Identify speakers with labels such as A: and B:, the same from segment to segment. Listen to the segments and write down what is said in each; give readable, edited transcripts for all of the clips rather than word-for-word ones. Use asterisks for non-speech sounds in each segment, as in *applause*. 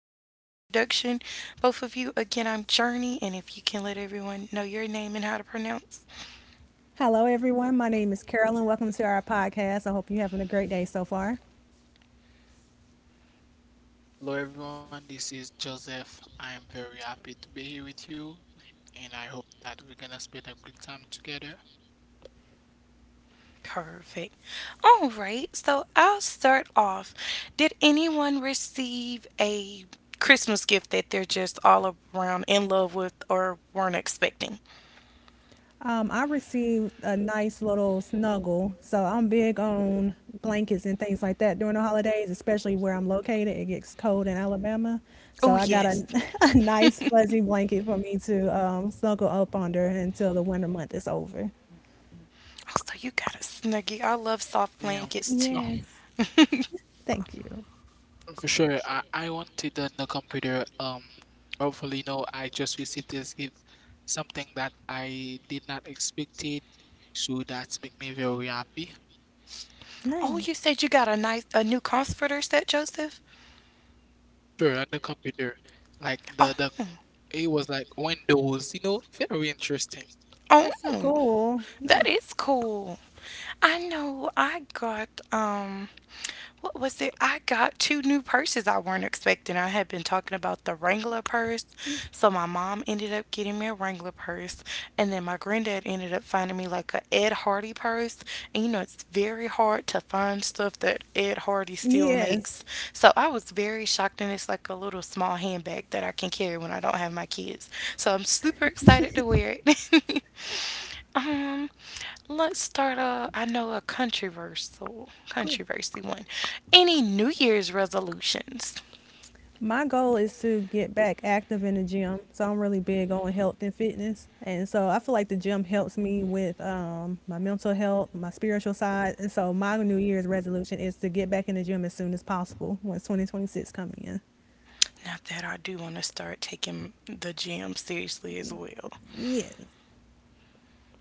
A: brief introduction, both of you. Again, I'm Journey, and if you can let everyone know your name and how to pronounce.
B: Hello, everyone. My name is Carolyn. Welcome to our podcast. I hope you're having a great day so far.
C: Hello everyone, this is Joseph. I am very happy to be here with you and I hope that we're gonna spend a good time together.
A: Perfect. All right, so I'll start off. Did anyone receive a Christmas gift that they're just all around in love with or weren't expecting?
B: I received a nice little snuggle, so I'm big on blankets and things like that during the holidays, especially where I'm located. It gets cold in Alabama, so
A: Oh,
B: I got a,
A: yes.
B: *laughs* a nice fuzzy blanket for me to snuggle up under until the winter month is over.
A: Oh, so you got a snuggie. I love soft
C: Yeah,
A: blankets too.
C: oh,
B: Yes,
A: *laughs*
B: thank you.
C: for sure. I wanted on the computer. Hopefully, no, I just received this gift, something that I did not expect it. So that's make me very happy.
A: Oh, you
B: Nice.
A: said you got a nice a new comforter set, Joseph?
C: Sure, on the computer, like
A: Oh,
C: the it was like windows, you know, very interesting.
B: That's so
A: oh,
B: cool.
A: that
B: Nice.
A: is cool. I know I got what was it? I got two new purses I weren't expecting. I had been talking about the Wrangler purse. So my mom ended up getting me a Wrangler purse, and then my granddad ended up finding me like a Ed Hardy purse. And you know it's very hard to find stuff that Ed Hardy still makes.
B: Yes.
A: So I was very shocked, and it's like a little small handbag that I can carry when I don't have my kids. So I'm super excited to wear it. *laughs* Um, Let's start a, I know a controversy one. Any New Year's resolutions?
B: My goal is to get back active in the gym. So I'm really big on health and fitness. And so I feel like the gym helps me with my mental health, my spiritual side. And so my New Year's resolution is to get back in the gym as soon as possible once 2026 come in.
A: Not that I do want to start taking the gym seriously as well.
B: Yeah.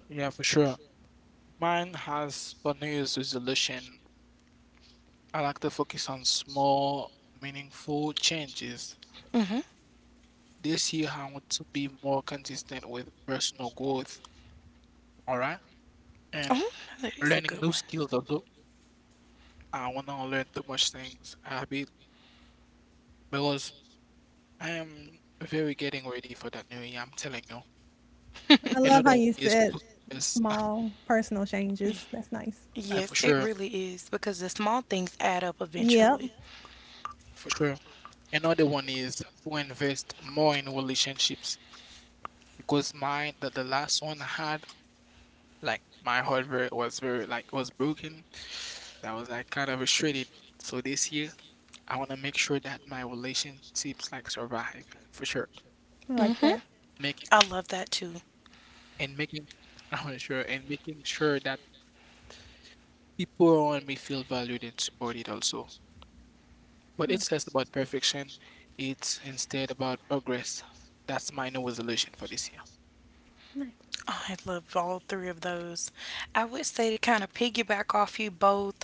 C: Yeah, for sure. Mine has for New Year's resolution. I like to focus on small, meaningful changes.
A: Hmm.
C: This year, I want to be more consistent with personal growth, all right? And
A: Oh, that is a
C: learning
A: good
C: new skills also. I want to learn too much things, habit, because I am very getting ready for that new year, I'm telling you.
A: one.
B: I love
C: Another
B: how
C: one
B: you
C: is to
B: said
C: invest, *laughs*
B: small personal changes. That's nice.
A: *laughs*
C: for
A: Yes, it
C: sure,
A: really is because the small things add up
B: Yep.
A: eventually.
C: for sure. Another one is to invest more in relationships because mine, that the last one I had, like my heart rate was very like was broken. That was like kind of restricted. So this year, I want to make sure that my relationships like survive for sure.
B: I like
A: Hmm.
B: that.
C: Making
A: I love that
C: and
A: too.
C: making, *laughs* I'm sure, and making sure that people around me feel valued and supported also. But it's less about perfection,
B: Oh,
C: it's instead about progress. That's my new resolution for this year.
B: nice.
A: I love all three of those. I would say, to kind of piggyback off you both,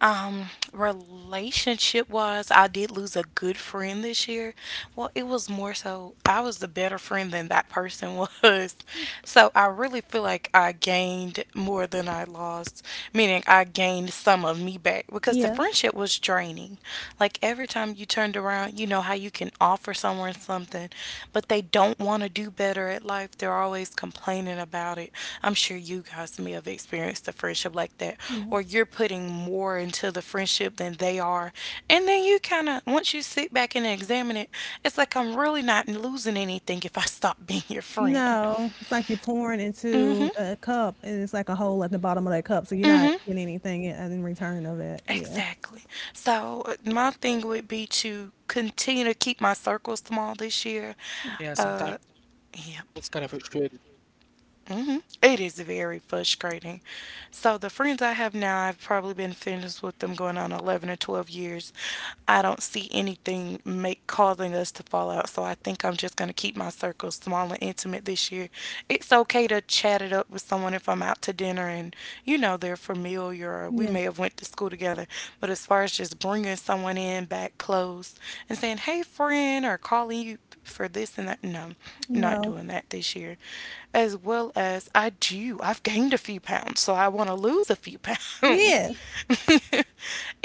A: um, relationship wise, I did lose a good friend this year. Well, it was more so I was the better friend than that person *laughs* was. So I really feel like I gained more than I lost, meaning I gained some of me back because the
B: Yeah.
A: friendship was draining. Like every time you turned around, you know how you can offer someone something, but they don't want to do better at life. They're always complaining about it. I'm sure you guys may have experienced a friendship like that,
B: Yeah.
A: or you're putting more into the friendship than they are. And then you kind of, once you sit back and examine it, it's like I'm really not losing anything if I stop *laughs* being your friend.
B: No, it's like you're pouring
A: Mm
B: into
A: hmm.
B: a cup and it's like a hole at the bottom of that cup, so you're
A: Mm
B: not
A: hmm.
B: getting anything in return of that. Yeah.
A: Exactly. So my thing would be to continue to keep my
C: Yeah,
A: circle
C: sometimes it's kind of
A: small this
C: frustrating.
A: year.
B: Yeah.
A: Uh, Yep. Hmm. It is very frustrating. So the friends I have now, I've probably been friends with them going on 11 or 12 years. I don't see anything make causing us to fall out. So I think I'm just going to keep my circle small and intimate this year. It's okay to chat it up with someone if I'm out to dinner, and you know they're familiar or we
B: Yeah.
A: may have went to school together. But as far as just bringing someone in back close and saying, "Hey friend," or calling you for this and that. No, not
B: No.
A: doing that this year. As well as I do, I've gained a few pounds, so I want to lose a few pounds.
B: Yeah.
A: *laughs*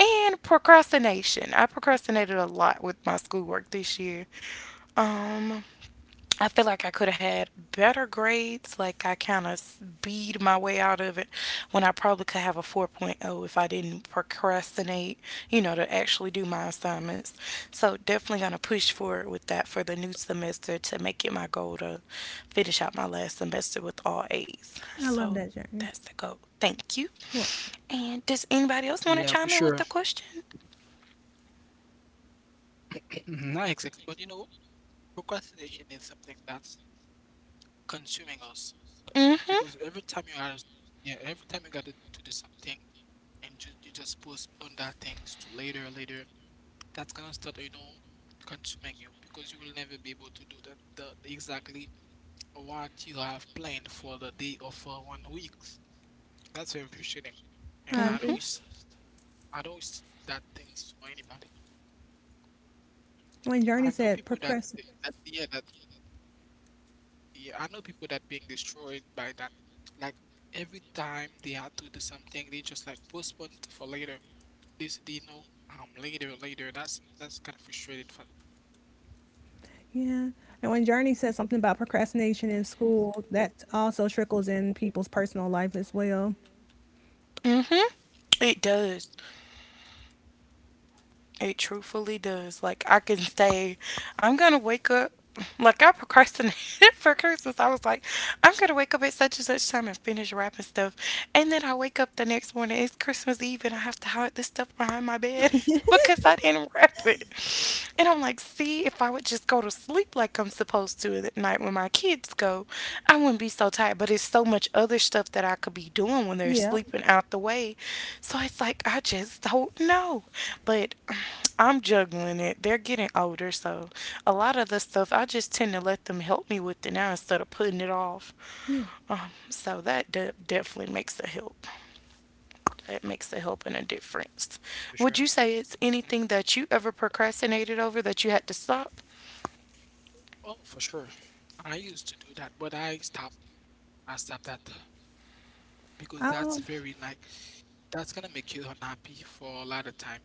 A: And procrastination. I procrastinated a lot with my schoolwork this year. Um, I feel like I could have had better grades. Like I kind of beat my way out of it when I probably could have a 4.0 if I didn't procrastinate, you know, to actually do my assignments. So definitely going to push forward with that for the new semester to make it my goal to finish out my last semester with all A's.
B: I love
A: So
B: that journey.
A: that's the goal. Thank you.
B: Well,
A: And does anybody
C: Yeah,
A: else
C: for
A: want to
C: sure.
A: chime in with the question?
C: *clears throat* Not exactly. But you know, procrastination is something that's consuming us. Because every
A: Mm-hmm.
C: time you are, yeah, every time you gotta to do something and just you just postpone that things to later, later, that's gonna start, you know, consuming you because you will never be able to do that exactly what you have planned for the day or for 1 week. That's very frustrating. And
B: I
A: Mm-hmm.
B: agree.
C: I don't wish that things for anybody.
B: When Journey
C: I know
B: said
C: people that,
B: procrastinate,
C: that yeah, that yeah, I know people that being destroyed by that. Like every time they had to do something, they just like postpone it for later. This said, you know, later, later. That's kind of frustrated
B: yeah. And when Journey said something about procrastination in school, that also trickles in people's personal life as well.
A: Mm-hmm. It does. It truthfully does. Like I can stay. I'm gonna wake up. Like I procrastinated *laughs* for Christmas. I was like, I'm gonna wake up at such and such time and finish wrapping stuff, and then I wake up the next morning. It's Christmas Eve, and I have to hide this stuff behind my bed *laughs* because I didn't wrap it. And I'm like, see, if I would just go to sleep like I'm supposed to at night when my kids go, I wouldn't be so tired. But it's so much other stuff that I could be doing when they're
B: Yeah.
A: sleeping out the way. So it's like I just don't know. But I'm juggling it. They're getting older, so a lot of the stuff I just tend to let them help me with it now instead of putting it off.
B: Yeah.
A: So that definitely makes a help. That makes a help and a difference.
C: for sure.
A: Would you say it's anything that you ever procrastinated over that you had to stop?
C: Oh, for sure. I used to do that, but I stopped. I stopped that because that's
B: Oh,
C: very like that's gonna make you unhappy for a lot of time.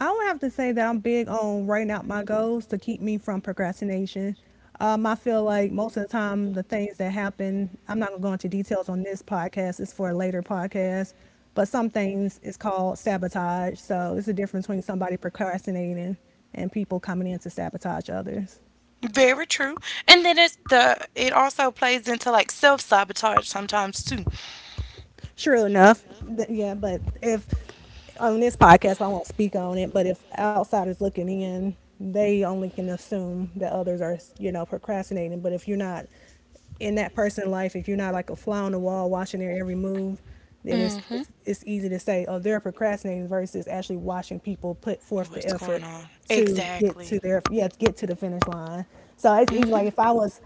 B: I would have to say that I'm big on writing out my goals to keep me from procrastination. I feel like most of the time, the things that happen, I'm not going to go into details on this podcast, it's for a later podcast, but some things is called sabotage. So it's a difference between somebody procrastinating and people coming in to sabotage others.
A: Very true. And then it's the it also plays into like self sabotage sometimes too.
B: Sure enough, yeah. But if on this podcast, I won't speak on it. But if outsiders looking in, they only can assume that others are, you know, procrastinating. But if you're not in that person's life, if you're not like a fly on the wall watching their every move, then it's
A: Mm-hmm.
B: it's, it's easy to say, oh, they're procrastinating versus actually watching people put forth the
A: What's going
B: effort
A: on?
B: to get
A: Exactly.
B: to their yeah to get to the finish line. So it's easy.
A: Mm-hmm.
B: Like if I was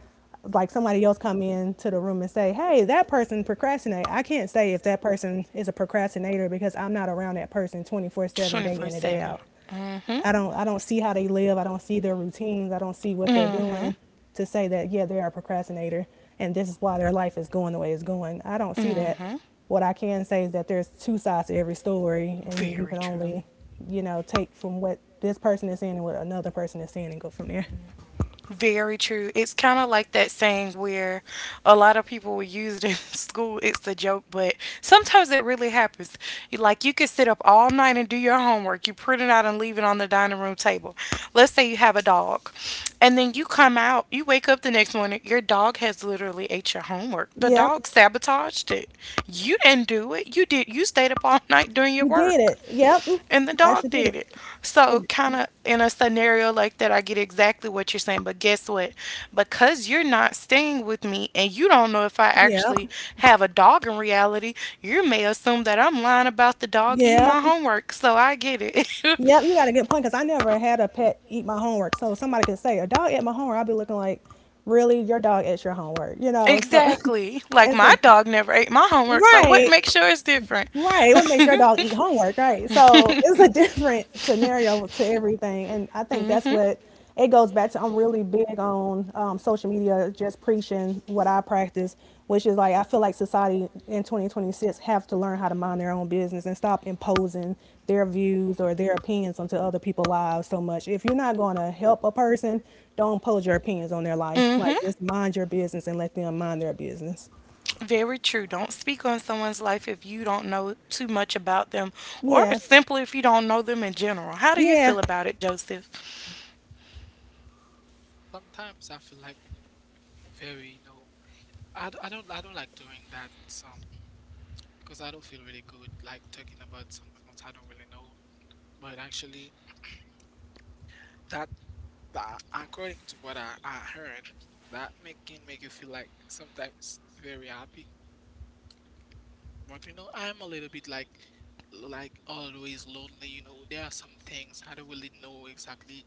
B: like somebody else come into the room and say, "Hey, that person procrastinate." I can't say if that person is a procrastinator because I'm not around that person 24/7 day
A: 24
B: in and day
A: 7.
B: out.
A: Mm hmm.
B: I don't see how they live. I don't see their routines. I don't see what they're doing to say that yeah, they are a procrastinator and this is why their life is going the way it's going. I don't see that. What I can say is that there's two sides to every story and you
A: Very
B: can
A: true.
B: only, you know, take from what this person is saying and what another person is saying and go from there.
A: Very true. It's kind of like that saying where a lot of people will use it in *laughs* school. It's a joke, but sometimes it really happens. Like you could sit up all night and do your homework. You print it out and leave it on the dining room table. Let's say you have a dog, and then you come out, you wake up the next morning, your dog has literally ate your homework. The
B: Yep.
A: dog sabotaged it. You didn't do it. You did. You stayed up all *laughs* night doing your
B: You did
A: work,
B: it. Yep.
A: and the
B: I sure
A: dog
B: did
A: did
B: it.
A: it. So,
B: And
A: kind of in a scenario like that, I get exactly what you're saying. But guess what? Because you're not staying with me and you don't know if I
B: yep.
A: actually have a dog in reality, you may assume that I'm lying about the dog eating my
B: Yep.
A: homework. So, I get it.
B: Yep. You got a good point because I never had a pet eat my homework. So somebody could say, a dog ate my homework. I'll be looking like, really? Your dog ate your homework. You
A: *laughs*
B: know? So
A: Exactly.
B: *laughs*
A: Like,
B: it's
A: my
B: a,
A: dog never ate my homework. So, what
B: right.
A: makes sure it's different?
B: Right.
A: *laughs*
B: It would make your dog eat
A: mm
B: homework, right? So it's a different *laughs* scenario to everything. And I think that's
A: hmm.
B: what it goes back to. I'm really big on social media, just preaching what I practice, which is like I feel like society in 2026 have to learn how to mind their own business and stop imposing their views or their opinions onto other people's lives so much. If you're not going to help a person, don't impose your opinions on their life.
A: Mm
B: Like
A: hmm.
B: just mind your business and let them mind their business.
A: Very true. Don't speak on someone's life if you don't know too much about them, or
B: Yeah.
A: simply if you don't know them in general. How do you
B: Yeah.
A: feel about it, Joseph?
C: Sometimes I feel like very, you know, I don't I don't like doing that um because I don't feel really good like talking about someone else I don't really know. But actually, *clears throat* that, that according to what I heard, that make, can make you feel like sometimes very happy. But you know, I'm a little bit like always lonely, you know. There are some things I don't really know exactly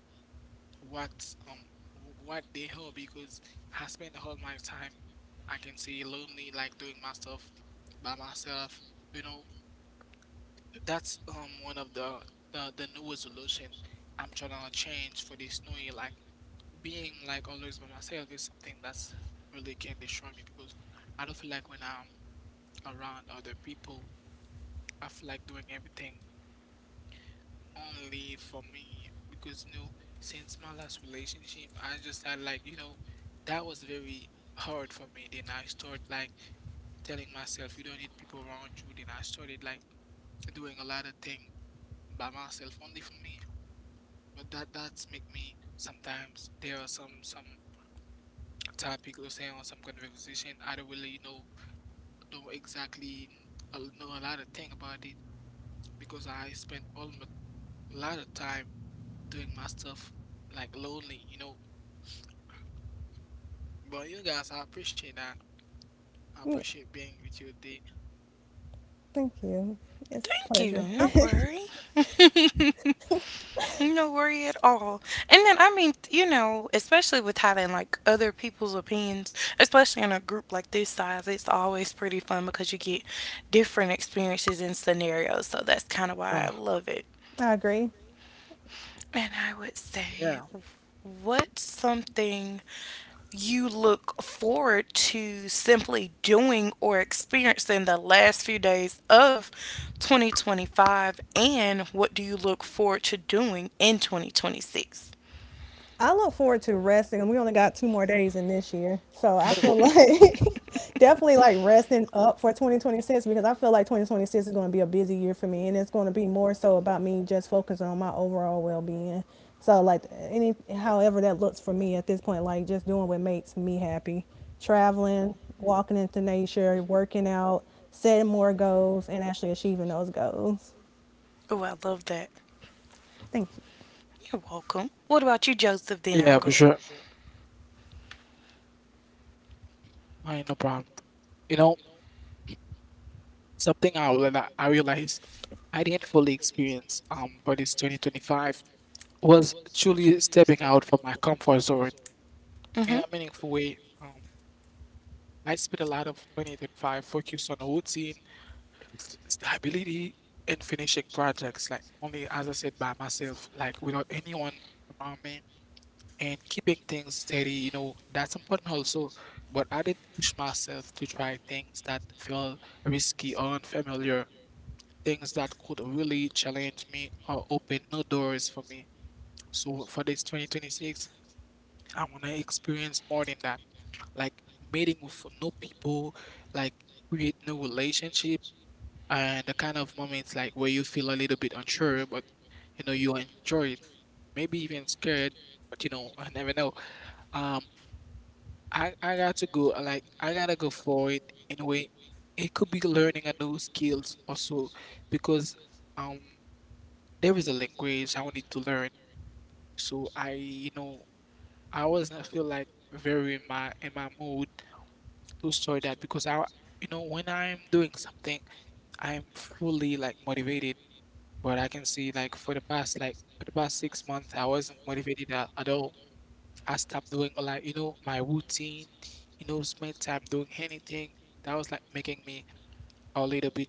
C: what um what they are because I spend all my time I can say lonely like doing my stuff by myself. You know, that's one of the new resolution I'm trying to change for this new year. Like being like always by myself is something that's really can destroy me because I don't feel like when I'm around other people I feel like doing everything only for me, because you know, since my last relationship, I just had like, you know, that was very hard for me. Then I started like telling myself, you don't need people around you. Then I started like doing a lot of things by myself, only for me. But that that's make me sometimes there are some topic or say on some conversation I don't really you know don't exactly know a lot of thing about it because I spent almost a lot of time doing my stuff like lonely, you know. But you guys, I appreciate that.
B: Yeah.
C: I appreciate being with you today.
B: Thank you. It's a
A: Thank
B: pleasure.
A: you. No worry. *laughs* No worry at all. And then, I mean, you know, especially with having like other people's opinions, especially in a group like this size, it's always pretty fun because you get different experiences and scenarios. So that's kind of why I
C: Uh,
A: love it.
B: *laughs* I agree.
A: And I would say,
C: yeah.
A: what's something you look forward to simply doing or experiencing the last few days of 2025, and what do you look forward to doing in 2026?
B: I look forward to resting, and we only got two more days in this
C: Oh,
B: year, so I feel
A: *laughs*
B: like *laughs* definitely like resting up for 2026 because I feel like 2026 is going to be a busy year for me, and it's going to be more so about me just focusing on my overall well-being. So like any however that looks for me at this point, like just doing what makes me happy, traveling, walking into nature, working out, setting more goals, and actually achieving those goals.
A: Oh, I love that.
B: Thank you.
A: You're welcome. What about you, Joseph? Then I'll
C: yeah,
A: go.
C: for sure. I ain't no problem. You know, something I will I realized I didn't fully experience for this 2025 was truly stepping out from my comfort zone
A: Mm-hmm.
C: in a meaningful way. Um, I spent a lot of 2025 focused on routine, stability, and finishing projects, like only as I said by myself, like without anyone around me, and keeping things steady. You know, that's important also. But I didn't push myself to try things that feel risky or unfamiliar, things that could really challenge me or open new doors for me. So for this 2026, I want to experience more than that. Like meeting with new people, like create new relationship, and the kind of moments like where you feel a little bit unsure, but you know you enjoy it. Maybe even scared, but you know *laughs* I never know. Um, I got to go. Like I gotta go for it anyway. It could be learning a new skills also because um there is a language I wanted to learn. So I you know I wasn't feel like very in my mood to start that because I, you know, when I'm doing something, I'm fully like motivated. But I can see like for the past 6 months, I wasn't motivated at all. I stopped doing like you know my routine, you know, spend time doing anything that was like making me a little bit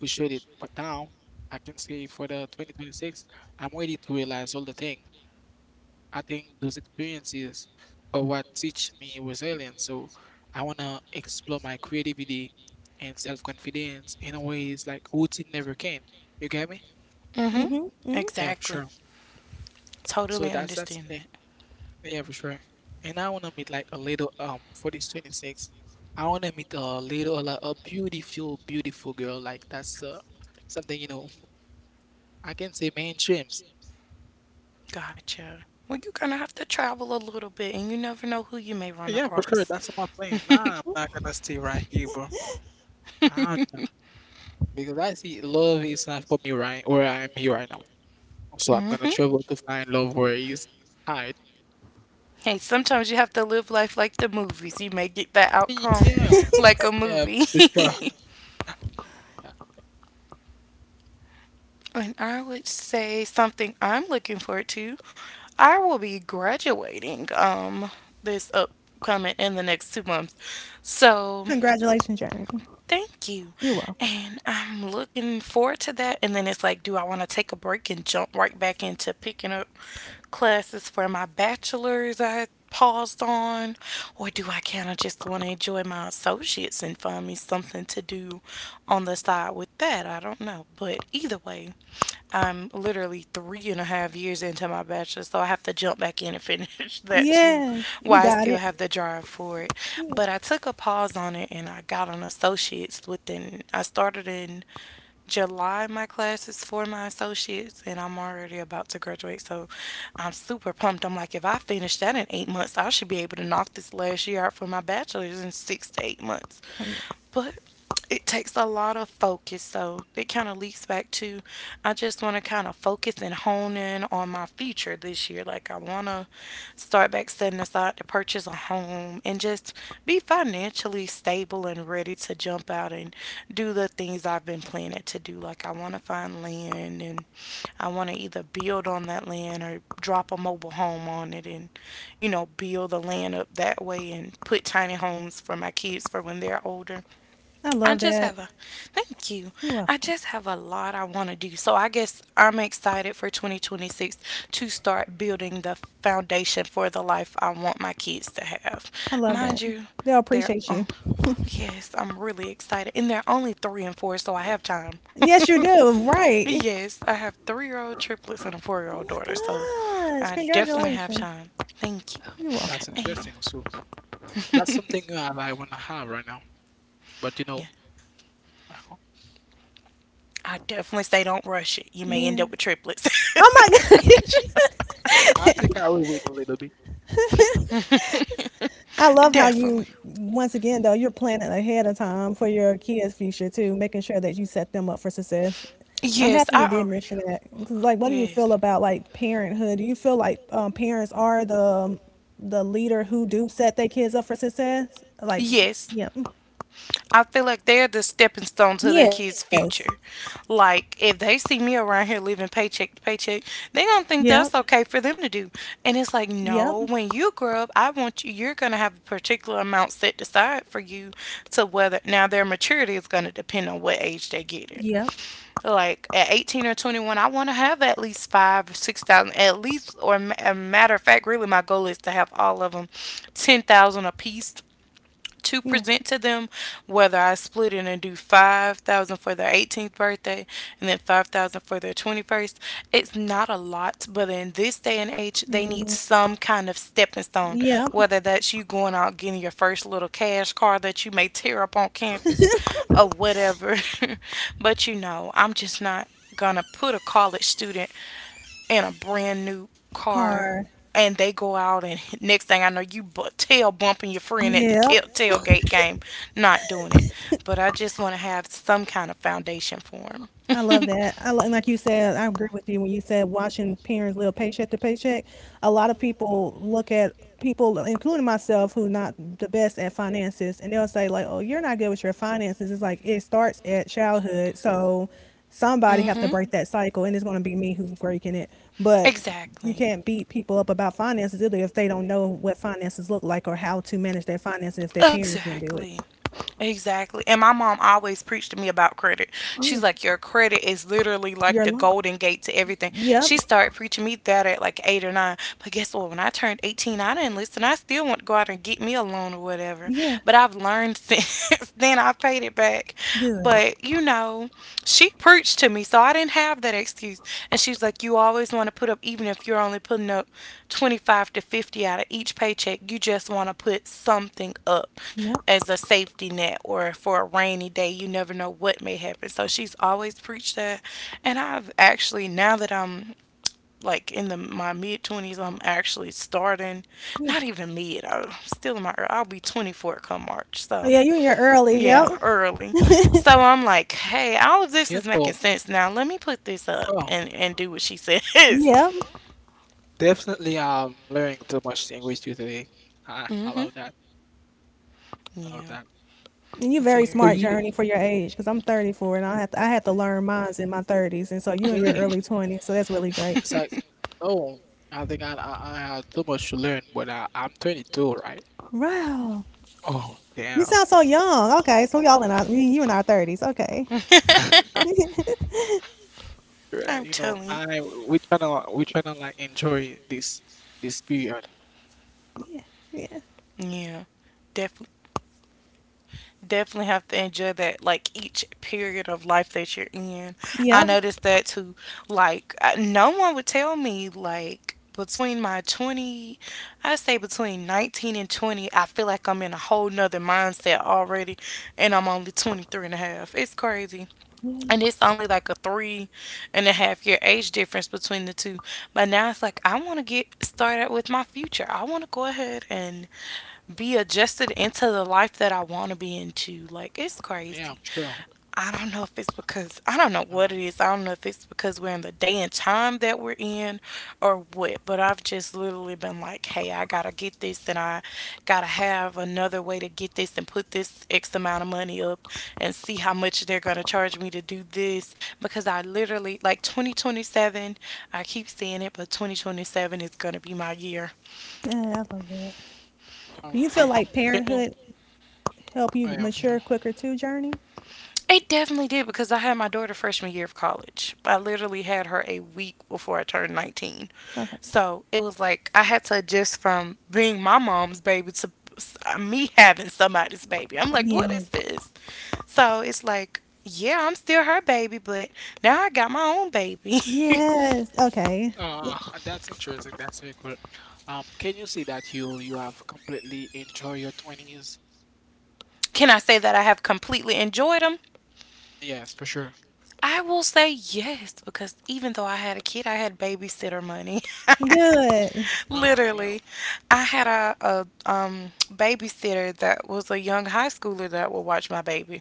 C: frustrated. But now I can see for the 2026, I'm ready to realize all the thing. I think those experiences are what teach me resilience. So I wanna explore my creativity and self-confidence in a ways like routine never can. You get me?
A: Mm-hmm.
B: Mhm. Mhm.
C: Yeah, for
A: Exactly.
C: sure. So that's
A: Totally
C: that's the thing.
A: understand that.
C: Yeah, for sure. And I wanna meet like a little for this 26. I wanna meet a little like a beautiful, beautiful girl. Like that's something you know I can say main dreams.
A: Gotcha. Well, you're gonna have to travel a little bit, and you never know who you may run
C: Yeah, for sure.
A: across.
C: That's my
A: *laughs*
C: plan.
A: Mm-hmm.
C: Nah, I'm not gonna stay right here, bro. I'm Because I see love is not for me right where I'm here right now. So I'm gonna travel to find love where it's hide.
A: Hey, sometimes you have to live life like the movies. You may get that outcome
C: Yeah,
A: like a
C: yeah, for
A: movie.
C: sure.
A: *laughs*
C: Yeah.
A: And I would say something I'm looking forward to. I will be graduating this upcoming in the next 2 months. So
B: Congratulations, Jeremy.
A: thank you.
B: You're welcome.
A: And I'm looking forward to that. And then it's like, do I want to take a break and jump right back into picking up classes for my bachelor's I paused on? Or do I kind of just want to enjoy my associates and find me something to do on the side with that? I don't know. But either way, I'm literally three and a half years into my bachelor's, so I have to jump back in and *laughs* finish that too.
B: Yes, you
A: Why I
B: got
A: still
B: it.
A: have the drive for it.
B: Yeah.
A: But I took a pause on it and I got an associate's within, I started in July, my class is for my associates, and I'm already about to graduate. So I'm super pumped. I'm like, if I finish that in 8 months, I should be able to knock this last year out for my bachelor's in 6 to 8 months.
B: Oh yeah.
A: But it takes a lot of focus. So it kind of leaks back to I just want to kind of focus and hone in on my future this year. Like, I want to start back setting aside to purchase a home and just be financially stable and ready to jump out and do the things I've been planning to do. Like, I want to find land, and I want to either build on that land or drop a mobile home on it and, you know, build the land up that way and put tiny homes for my kids for when they're older.
B: I
A: I
B: love
A: just
B: that.
A: have a thank you.
B: You're
A: I
B: welcome.
A: just have a lot I want to do. So I guess I'm excited for 2026 to start building the foundation for the life I want my kids to have.
B: I love
A: Mind
B: that.
A: you,
B: They'll
A: they're
B: appreciate you.
A: yes, I'm really excited. And they're only 3 and 4, so I have time. *laughs*
B: Yes, you do. Right.
A: Yes, I have 3-year-old triplets and a
B: Oh
A: 4-year-old
B: my
C: Oh,
A: daughter, so
C: that's
B: gosh.
A: I
C: interesting.
A: definitely have
B: Congratulations.
A: time. Thank you.
B: You're
C: That's
B: welcome.
C: interesting.
A: And
C: So that's something that I wanna have right now. But you know,
A: *laughs* yeah,
C: *laughs*
A: I definitely say don't rush it. You may end
B: Yeah.
A: up with triplets. *laughs*
B: Oh my *laughs* gosh.
C: I think I will wait a little bit.
B: I
A: *laughs*
B: love how
A: Definitely.
B: you, once again, though, you're planning ahead of time for your kids' future too, making sure that you set them up for success. I'm
A: Yes,
B: happy you
A: I
B: did
A: already.
B: mention that. 'Cause, like, what do you feel
A: Yes.
B: about like parenthood? Do you feel like parents are the leader who do set their kids up for success? Like,
A: Yes.
B: yep,
A: I feel like they're the stepping stone to their
B: yes,
A: kids' future. Like, if they see me around here living paycheck to paycheck, they going
B: yep,
A: to think that's okay for them to do. And it's like,
B: yep,
A: no, when you grow up, I want you, you're going to have a particular amount set aside for you to whether, now their maturity is going to depend on what age they
B: yep,
A: get it. Like, at 18 or 21, I want to have at least five or six thousand at least. Or a matter of fact, really my goal is to have all of them 10,000 apiece
B: yeah,
A: to present to them, whether I split it and do 5,000 for their 18th birthday and then 5,000 for their 21st. It's not a lot, but in this day and age,
B: it
A: they need
B: is,
A: some kind of stepping stone,
B: yep,
A: whether that's you going out getting your first little cash car that you may tear up on campus or whatever. *laughs* But I'm just not gonna put a college student in a brand new car,
B: card,
A: and they go out, and next thing I know, you tail bumping your friend at the
B: yep,
A: tailgate game. Not doing it. But I just want to have some kind of foundation for him.
B: I love
A: *laughs*
B: that. I like you said, I agree with you when you said watching parents live paycheck to paycheck. A lot of people look at people, including myself, who not the best at finances, and they'll say like, "Oh, you're not good with your finances." It's like it starts at childhood, so somebody have to
A: Mm-hmm.
B: break that cycle, and it's going to be me who's breaking it. But you
A: Exactly.
B: can't beat people up about finances either if they don't know what finances look like or how to manage their finances if their parents didn't do it.
A: Exactly. Exactly. And my mom always preached to me about credit.
B: Yeah,
A: She's like, "Your credit is literally like
B: you're
A: the
B: life.
A: golden gate to everything."
B: Yep.
A: She started preaching me that at like eight or nine. But guess what? When I turned 18, I didn't listen. I still want to go out and get me a loan or whatever.
B: Yeah.
A: But I've learned *laughs* since then. I paid it back.
B: Good.
A: But, she preached to me. So I didn't have that excuse. And she's like, "You always want to put up, even if you're only putting up 25 to 50 out of each paycheck, you just want to put something up
B: Yep.
A: as a safety net or for a rainy
C: Like,
A: day. You never know what may happen." So she's always preached that. And I've actually, now that I'm like in the my mid 20s, I'm actually starting.
B: Yeah.
A: Not even mid, I'm still in my, I'll be 24 come March.
B: Oh
A: So
B: yeah, you in your early. Yep.
A: yeah, early. So I'm like, hey, all of this
C: yeah,
A: is
C: well,
A: making sense now. Let me put this up
C: well,
A: and do what she says.
B: Yep.
C: definitely. I'm learning too much language today. I,
A: *laughs*
C: I
A: Hmm.
C: love that. I love
A: Yeah,
C: that.
B: And you're very
C: So
A: very.
B: smart,
C: you
B: Journey, for your age, because I'm 34 and I had to learn mines in my 30s, and so you're in your
C: really?
B: early 20s, so that's really great.
C: It's like, oh, I think I have too much to learn, but I'm 22, right?
B: Wow,
C: Oh,
B: you
C: damn.
B: sound so young. Okay, so y'all in our we- you
A: *laughs*
B: in our 30s. Okay.
A: *laughs*
B: *laughs*
C: *laughs*
B: yeah.
C: Yeah,
A: I'm
C: you know,
A: telling you.
C: I we tryna like enjoy this period.
B: Yeah.
A: Yeah. Definitely definitely have to enjoy that, like each period of life that you're in. I
B: Yep.
A: noticed that too. Like, no one would tell me, like, between my 20, I say between 19 and 20, I feel like I'm in a whole nother mindset already, and I'm only 23 and a half. It's crazy.
B: Yeah,
A: And it's only like a 3.5 year age difference between the two. But now it's like, I want to get started with my future. I want to go ahead and be adjusted into the life that I want to be into. Like, it's
C: Yeah,
A: crazy.
C: sure.
A: I don't know if it's because, I don't know what
C: Alright.
A: it is, I don't know if it's because we're in the day and time that we're in or what, but I've just literally been like, hey, I gotta get this, and I gotta have another way to get this, and put this X amount of money up, and see how much they're gonna charge me to do this, because I literally, like, 2027, I keep saying it, but 2027 is gonna be my year.
B: I love that. Do
C: So,
B: you feel like
C: can you?
B: parenthood help
C: Oh,
B: you
C: yeah, for sure.
B: mature quicker too, Journey?
A: It definitely did because I had my daughter freshman year of college. I literally had her a week before I turned 19.
B: Okay.
A: So it was
C: Oh, *laughs*
A: like I had to adjust from being my mom's baby to me having somebody's baby. I'm like, what is
B: Yes.
A: this? So it's like, yeah, I'm still her baby, but now I got my own baby.
B: Yes. Okay.
C: Uh, that's interesting. That's very cool. Can you see that you have completely enjoyed your twenties?
A: *laughs* Can I say that I have completely enjoyed them?
C: Yes, for sure.
A: I will say yes, because even though I had a kid, I had babysitter money.
B: Good.
C: Oh, yeah.
A: Literally, I had a babysitter that was a young high schooler that would watch my baby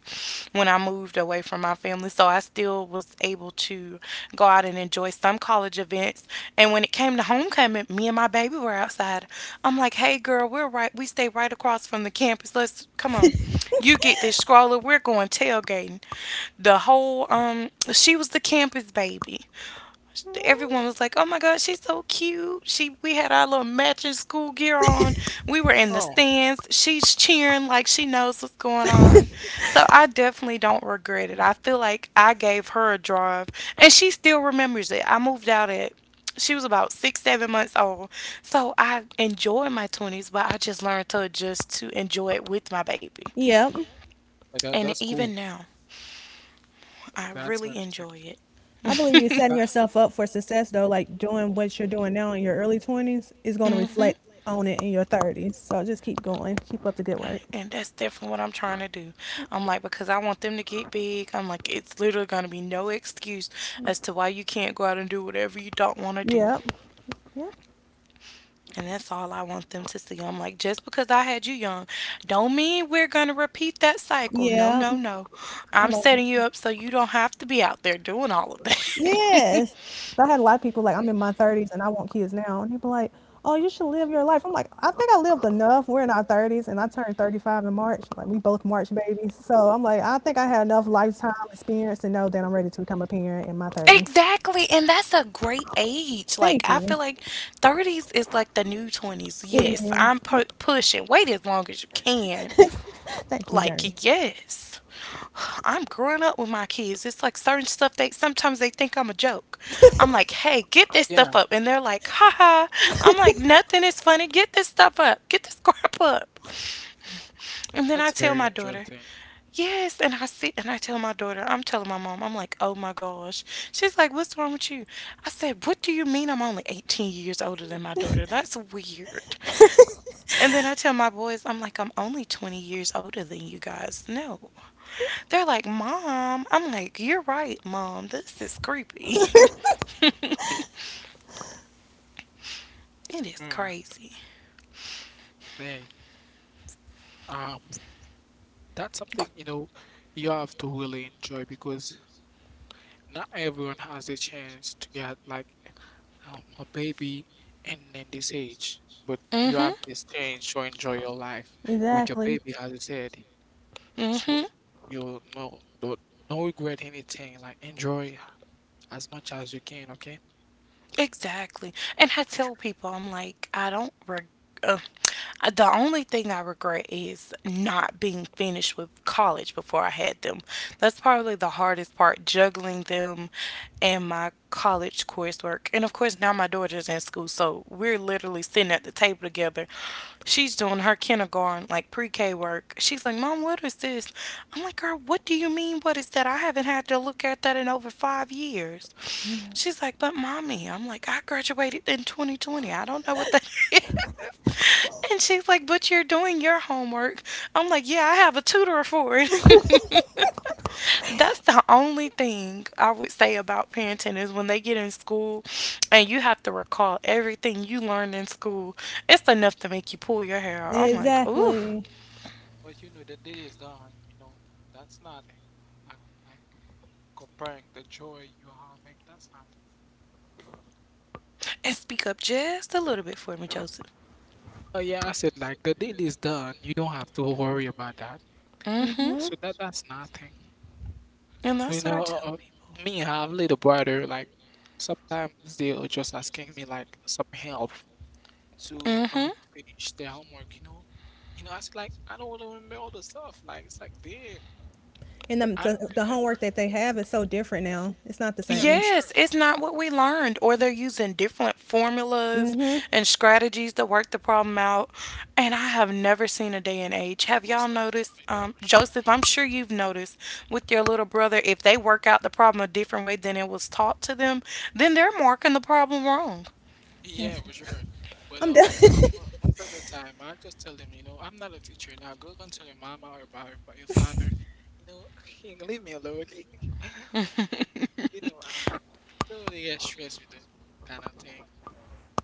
A: when I moved away from my family. So I still was able to go out and enjoy some college events. And when it came to homecoming, me and my baby were outside. I'm like, "Hey, girl, we're right. We stay right across from the campus. Let's come on. You get this stroller. We're going tailgating." The whole she was the campus baby. Everyone was like, "Oh my God, she's so cute." She We had our little matching school gear on. We were in the
C: Oh,
A: stands. She's cheering like she knows what's going on. So I definitely don't regret it.
C: oh,
A: I feel like I gave her a drive, and she still remembers it. I moved out at She was about 6, 7 months old. So I enjoy my twenties, but I just learned to adjust to enjoy it with my baby.
B: Yep.
C: yeah, that
A: And
C: that's
A: even
C: cool.
A: now, I
C: That's very
A: really
C: interesting. Too.
A: enjoy
B: I believe you
A: it.
B: setting
C: Uh,
B: yourself up for success though, like doing what you're doing now in your early 20s is
A: *laughs*
B: going to
A: Hmm.
B: reflect on it in your 30s. So just keep going. Keep up the good work.
A: And that's definitely what I'm trying to do. I'm like, because I want them to get big. I'm like, it's literally going to be no excuse as to why you can't go out and do whatever you don't want to do.
B: Yep. Yep.
A: And that's all I want them to see. I'm like, just because I had you young, don't mean we're going to repeat that cycle. No,
B: Yep.
A: no, no.
B: I
A: I'm
B: love
A: setting
B: it.
A: you up so you don't have to be out there doing all of that.
B: Yes.
A: *laughs*
B: I had a lot of people like, I'm in my 30s and I want kids now. And people like, oh, you should live your life. I'm like, I think I lived enough. We're in our 30s and I turned 35 in March. Like, we both March babies. So I'm like, I think I had enough lifetime experience to know that I'm ready to become a parent in my 30s.
A: Exactly. And that's a great age. Like,
B: Thank
A: I
B: you.
A: feel like 30s is like the new 20s.
B: It
A: Yes, I'm
B: is.
A: pushing. Wait as long as you can.
B: Thank you, Journey.
A: Like, yes. I'm growing up with my kids. It's like certain stuff they sometimes they think I'm a joke. I'm like, hey, get this
C: yeah,
A: stuff up. And they're like, haha. I'm like, nothing is funny. Get this stuff up. Get this *laughs* crap up. And then
C: that's
A: I tell
C: very
A: my daughter,
C: interesting.
A: yes, and I see, and I tell my daughter, I'm telling my mom, I'm like, oh my gosh. She's like, what's wrong with you? I said, what do you mean I'm only 18 years older than my daughter? That's weird. And then I tell my boys, I'm like, I'm only 20 years older than you guys. No. They're like, mom. I'm like, you're right, mom. This is creepy. *laughs* It is
C: Yeah,
A: crazy.
C: they, that's something, you know, you have to really enjoy because not everyone has a chance to get like a baby and in this age, but you have
A: Mm-hmm.
C: this chance to enjoy your life with your
B: Exactly.
C: baby, as I said. So
A: Mm-hmm.
C: you know, don't regret anything. Like enjoy as much as you can, okay?
A: Exactly. And I
C: For
A: tell
C: sure.
A: people, I'm like, I don't. *laughs* The only thing I regret is not being finished with college before I had them. That's probably the hardest part, juggling them and my college coursework. And of course, now my daughter's in school, so we're literally sitting at the table together. She's doing her kindergarten, like pre K work. She's like, "Mom, what is this?" I'm like, "Girl, what do you mean? What is that? I haven't had to look at that in over 5 years." She's like, "But mommy," I'm like, "I graduated in 2020. I don't know what that *laughs* is." And she's like, "But you're doing your homework." I'm like, "Yeah, I have a tutor for it." *laughs* That's the only thing I would say about parenting is when they get in school and you have to recall everything you learned in school. It's enough to make you pull your hair out. I'm like, ooh.
B: Exactly.
C: But you know the day is done. You know that's nothing. Like like comparing the joy you're having, that's nothing.
A: And speak up just a little bit for me, Joseph.
C: Oh yeah, I said like the deal is done. You don't have to worry about that.
A: Mm-hmm.
B: Mm-hmm.
C: So that's nothing.
A: And
C: You
A: that's what I
C: know,
A: tell people.
C: me I have little brother. Like sometimes they are just asking me like some help to
A: Mm-hmm.
C: finish their homework. You know, you know. I said like I don't want to remember all the stuff. Like it's like damn,
B: And the,
C: I don't
B: the, the homework
C: remember.
B: that they have is so different now. It's not the
C: Yeah, for
B: same.
C: sure.
A: Yes, it's not what we learned, or they're using different formulas
B: Mm-hmm.
A: and strategies to work the problem out. And I have never seen a day and age. Have y'all
C: Most of
A: noticed,
C: yeah, for sure.
A: Joseph? I'm sure you've noticed with your little brother, if they work out the problem a different way than it was taught to them, then they're marking the problem wrong.
C: Yeah,
B: That's
C: for sure. But
B: I'm done.
C: most of the time, I just tell them, you know, I'm not a teacher. Now go and tell your mama or about your father, you know, *laughs* you leave me alone. *laughs*
A: *laughs*
C: You know, I don't really get stressed with that kind of thing.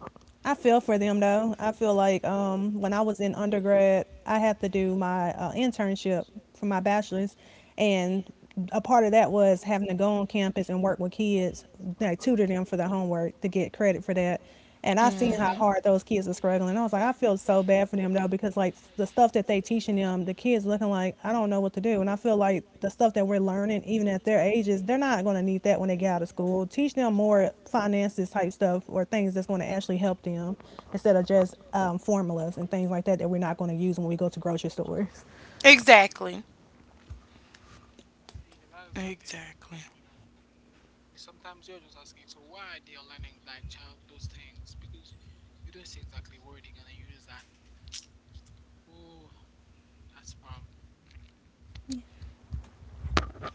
B: *laughs* I feel for them though. I feel like when I was in undergrad, I had to do my internship for my bachelor's, and a part of that was having to go on campus and work with kids, like tutor them for their homework to get credit for that. And I seen how hard those kids were struggling. I was like, I feel so bad for them though, because like the stuff that they teaching them, the kids looking like, I don't know what to do. And I feel like the stuff that we're learning, even at their ages, they're not going to need that when they get out of school. Teach them more finances type stuff, or things that's going to
C: Uh,
B: actually help them instead of just formulas and things like that that we're not going to use when we go to grocery stores.
A: Exactly.
C: Yeah, that's the thing.
A: Exactly.
C: That, you know, sometimes you're just asking, so why they're learning like child those things? Because you don't see exactly where they're gonna use that. Oh, that's a problem.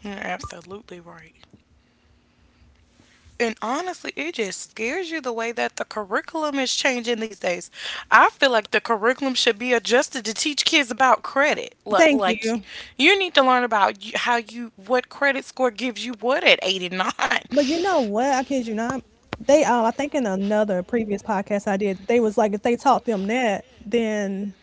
A: You're absolutely right. And honestly, it just scares you the way that the curriculum is changing these days. I feel like the curriculum should be adjusted to teach kids about credit. Like,
B: Thank
A: like
B: you.
A: you need to learn about how you what credit score gives you what at 89.
B: But you know what? I kid you not. They I think in another previous podcast I did, they was like if they taught them that, then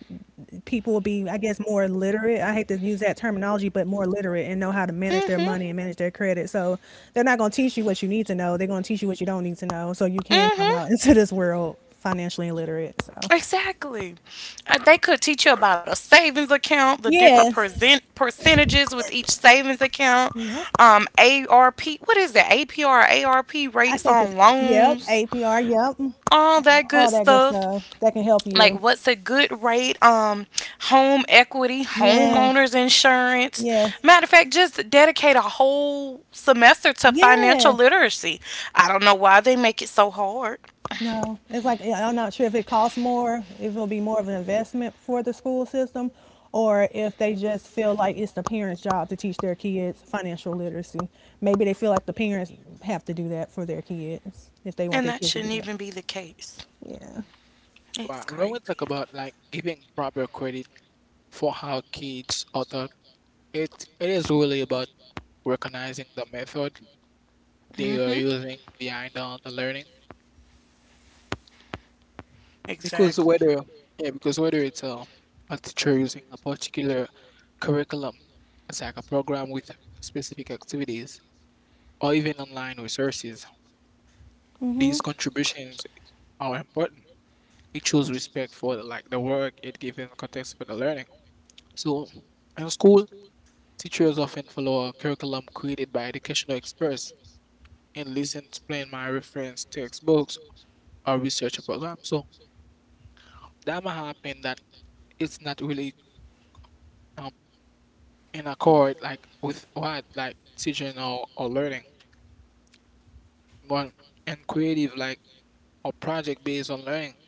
B: people would be, I guess, more literate. I hate to use that terminology, but more literate and know how to manage their
A: Mhm.
B: money and manage their credit. So they're not gonna teach you what you need to know. They're gonna teach you what you don't need to know. So you can come
A: Mhm.
B: out *laughs* into this world financially illiterate. So
A: Exactly. They could teach you about a savings account, the different
B: yes.
A: percentages with each savings account,
B: Yep.
A: ARP. What is that? APR, ARP
B: I
A: rates
B: think it's
A: on
B: Yep,
A: loans,
B: APR, yep.
A: all that good
B: All that good
A: stuff.
B: stuff that can help
A: Like,
B: you.
A: what's a good rate? Home equity,
B: Yes.
A: homeowners insurance.
B: Yes.
A: Matter of fact, just dedicate a whole semester to financial
B: Yes.
A: literacy. I don't know why they make it so hard,
B: No, it's like I'm not sure if it costs more, if it'll be more of an investment for the school system, or if they just feel like it's the parents' job to teach their kids financial literacy. Maybe they feel like the parents have to do that for their kids if they want
A: and
B: their
A: that
B: kids to be
A: shouldn't
B: right.
A: even be the case.
B: Yeah.
A: It's
C: Wow, when we
A: crazy.
C: talk about like giving proper credit for how kids are taught, it is really about recognizing the method they are
A: Mm-hmm.
C: using behind all the learning. Because
A: Exactly.
C: whether yeah, because whether it's a teacher using a particular curriculum, it's like a program with specific activities, or even online resources,
B: Mm-hmm.
C: these contributions are important. It shows respect for like the work it gives in context for the learning. So in school, teachers often follow a curriculum created by educational experts and listen to playing my reference textbooks or research program. So that might happen that it's not really um in accord like with what like teaching or learning. But and creative, like, or project based on learning.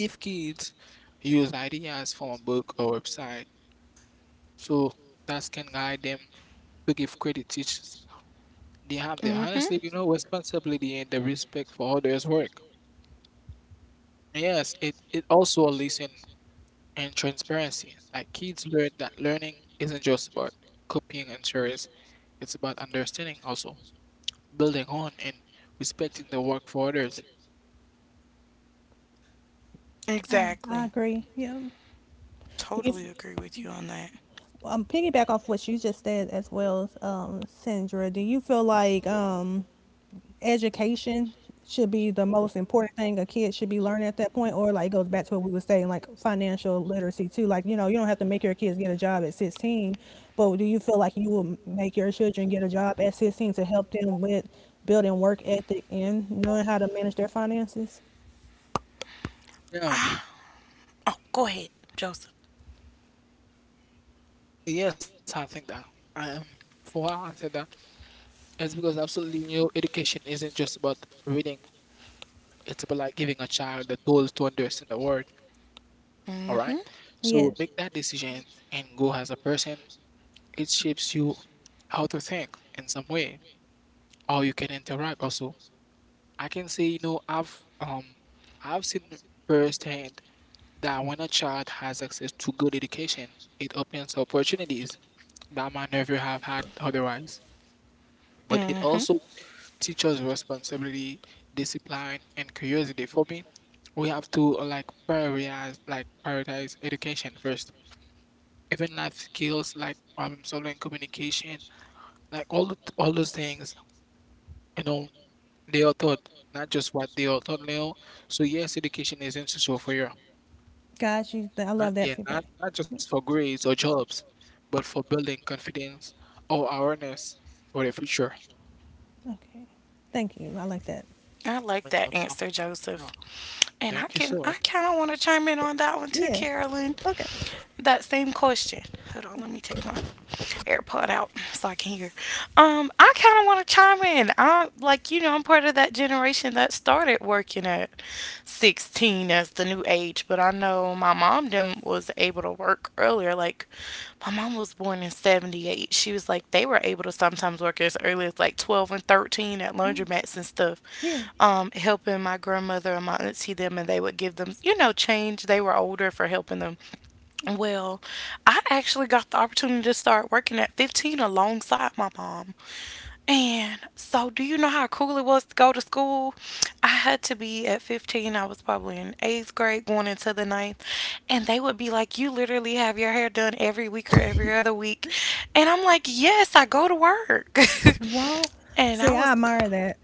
C: If kids use ideas from a book or website, so that can guide them to give credit teachers. They have them
A: Mm-hmm.
C: honestly, you know, responsibility and the respect for others' work. Yes, it also listen and transparency. Like kids learn that learning isn't just about copying and theories, it's about understanding also, building on and respecting the work for others.
B: Oh, I
A: Exactly.
B: agree. Yeah. If
A: Totally agree with you on that.
B: piggyback off what you just said as well, Sandra, do you feel like education should be the most important thing a kid should be learning at that point, or like it goes back to what we were saying, like financial literacy too? Like, you know, you don't have to make your kids get a job at 16, but do you feel like you will make your children get a job at 16 to help them with building work ethic and knowing how to manage their finances?
C: Yeah.
A: Ah. Oh, go ahead, Joseph.
C: Yes, I think that. Um, for why I said that is because absolutely new education isn't just about reading. It's about like giving a child the tools to understand the world. All
A: Mm-hmm.
C: right.
B: Yeah,
C: So make that decision and go as a person. It shapes you how to think in some way, how you can interact also, I can say, you know, I've I've seen firsthand that when a child has access to good education, it opens opportunities that might never have had otherwise. But it
A: Mm-hmm.
C: also teaches responsibility, discipline, and curiosity. For me, we have to like prioritize education first. Even life skills like problem solving, communication, like all those things, you know, they are taught, not just what they are taught now. So yes, education is essential for your
B: guys you I love
C: not
B: that
C: yeah,
B: feedback.
C: not
B: Yeah,
C: just for grades or jobs, but for building confidence or awareness for the future.
B: okay, thank you, I like that.
A: I like
C: Yeah,
A: that
C: no
A: answer,
C: problem.
A: Joseph.
C: Oh,
A: And I
C: thank you
A: can
C: so
A: I
C: much.
A: kind of want to chime in on that one too,
B: Yeah,
A: Carolyn.
B: okay.
A: That same question. Hold on, let
B: Okay.
A: me take my AirPod out so I can hear. I kind of want to chime in. I like I'm part of that generation that started working at 16 as the new age, but I know my mom them was able to work earlier. Like my mom was born in 78. She was like they were able to sometimes work as early as like 12 and 13 at
B: Mm,
A: laundromats and stuff,
B: yeah.
A: helping my grandmother and my auntie them, and they would give them change. They were older for helping them. Well, I actually got the opportunity to start working at 15 alongside my mom. And so, do you know how cool it was to go to school? I had to be at 15, I was probably in eighth grade going into the ninth. And they would be like, "You literally have your hair done every week or every other week." And I'm like, "Yes, I go to work."
B: Wow.
A: *laughs* And
B: See,
A: I
B: I
A: was.
B: admire that.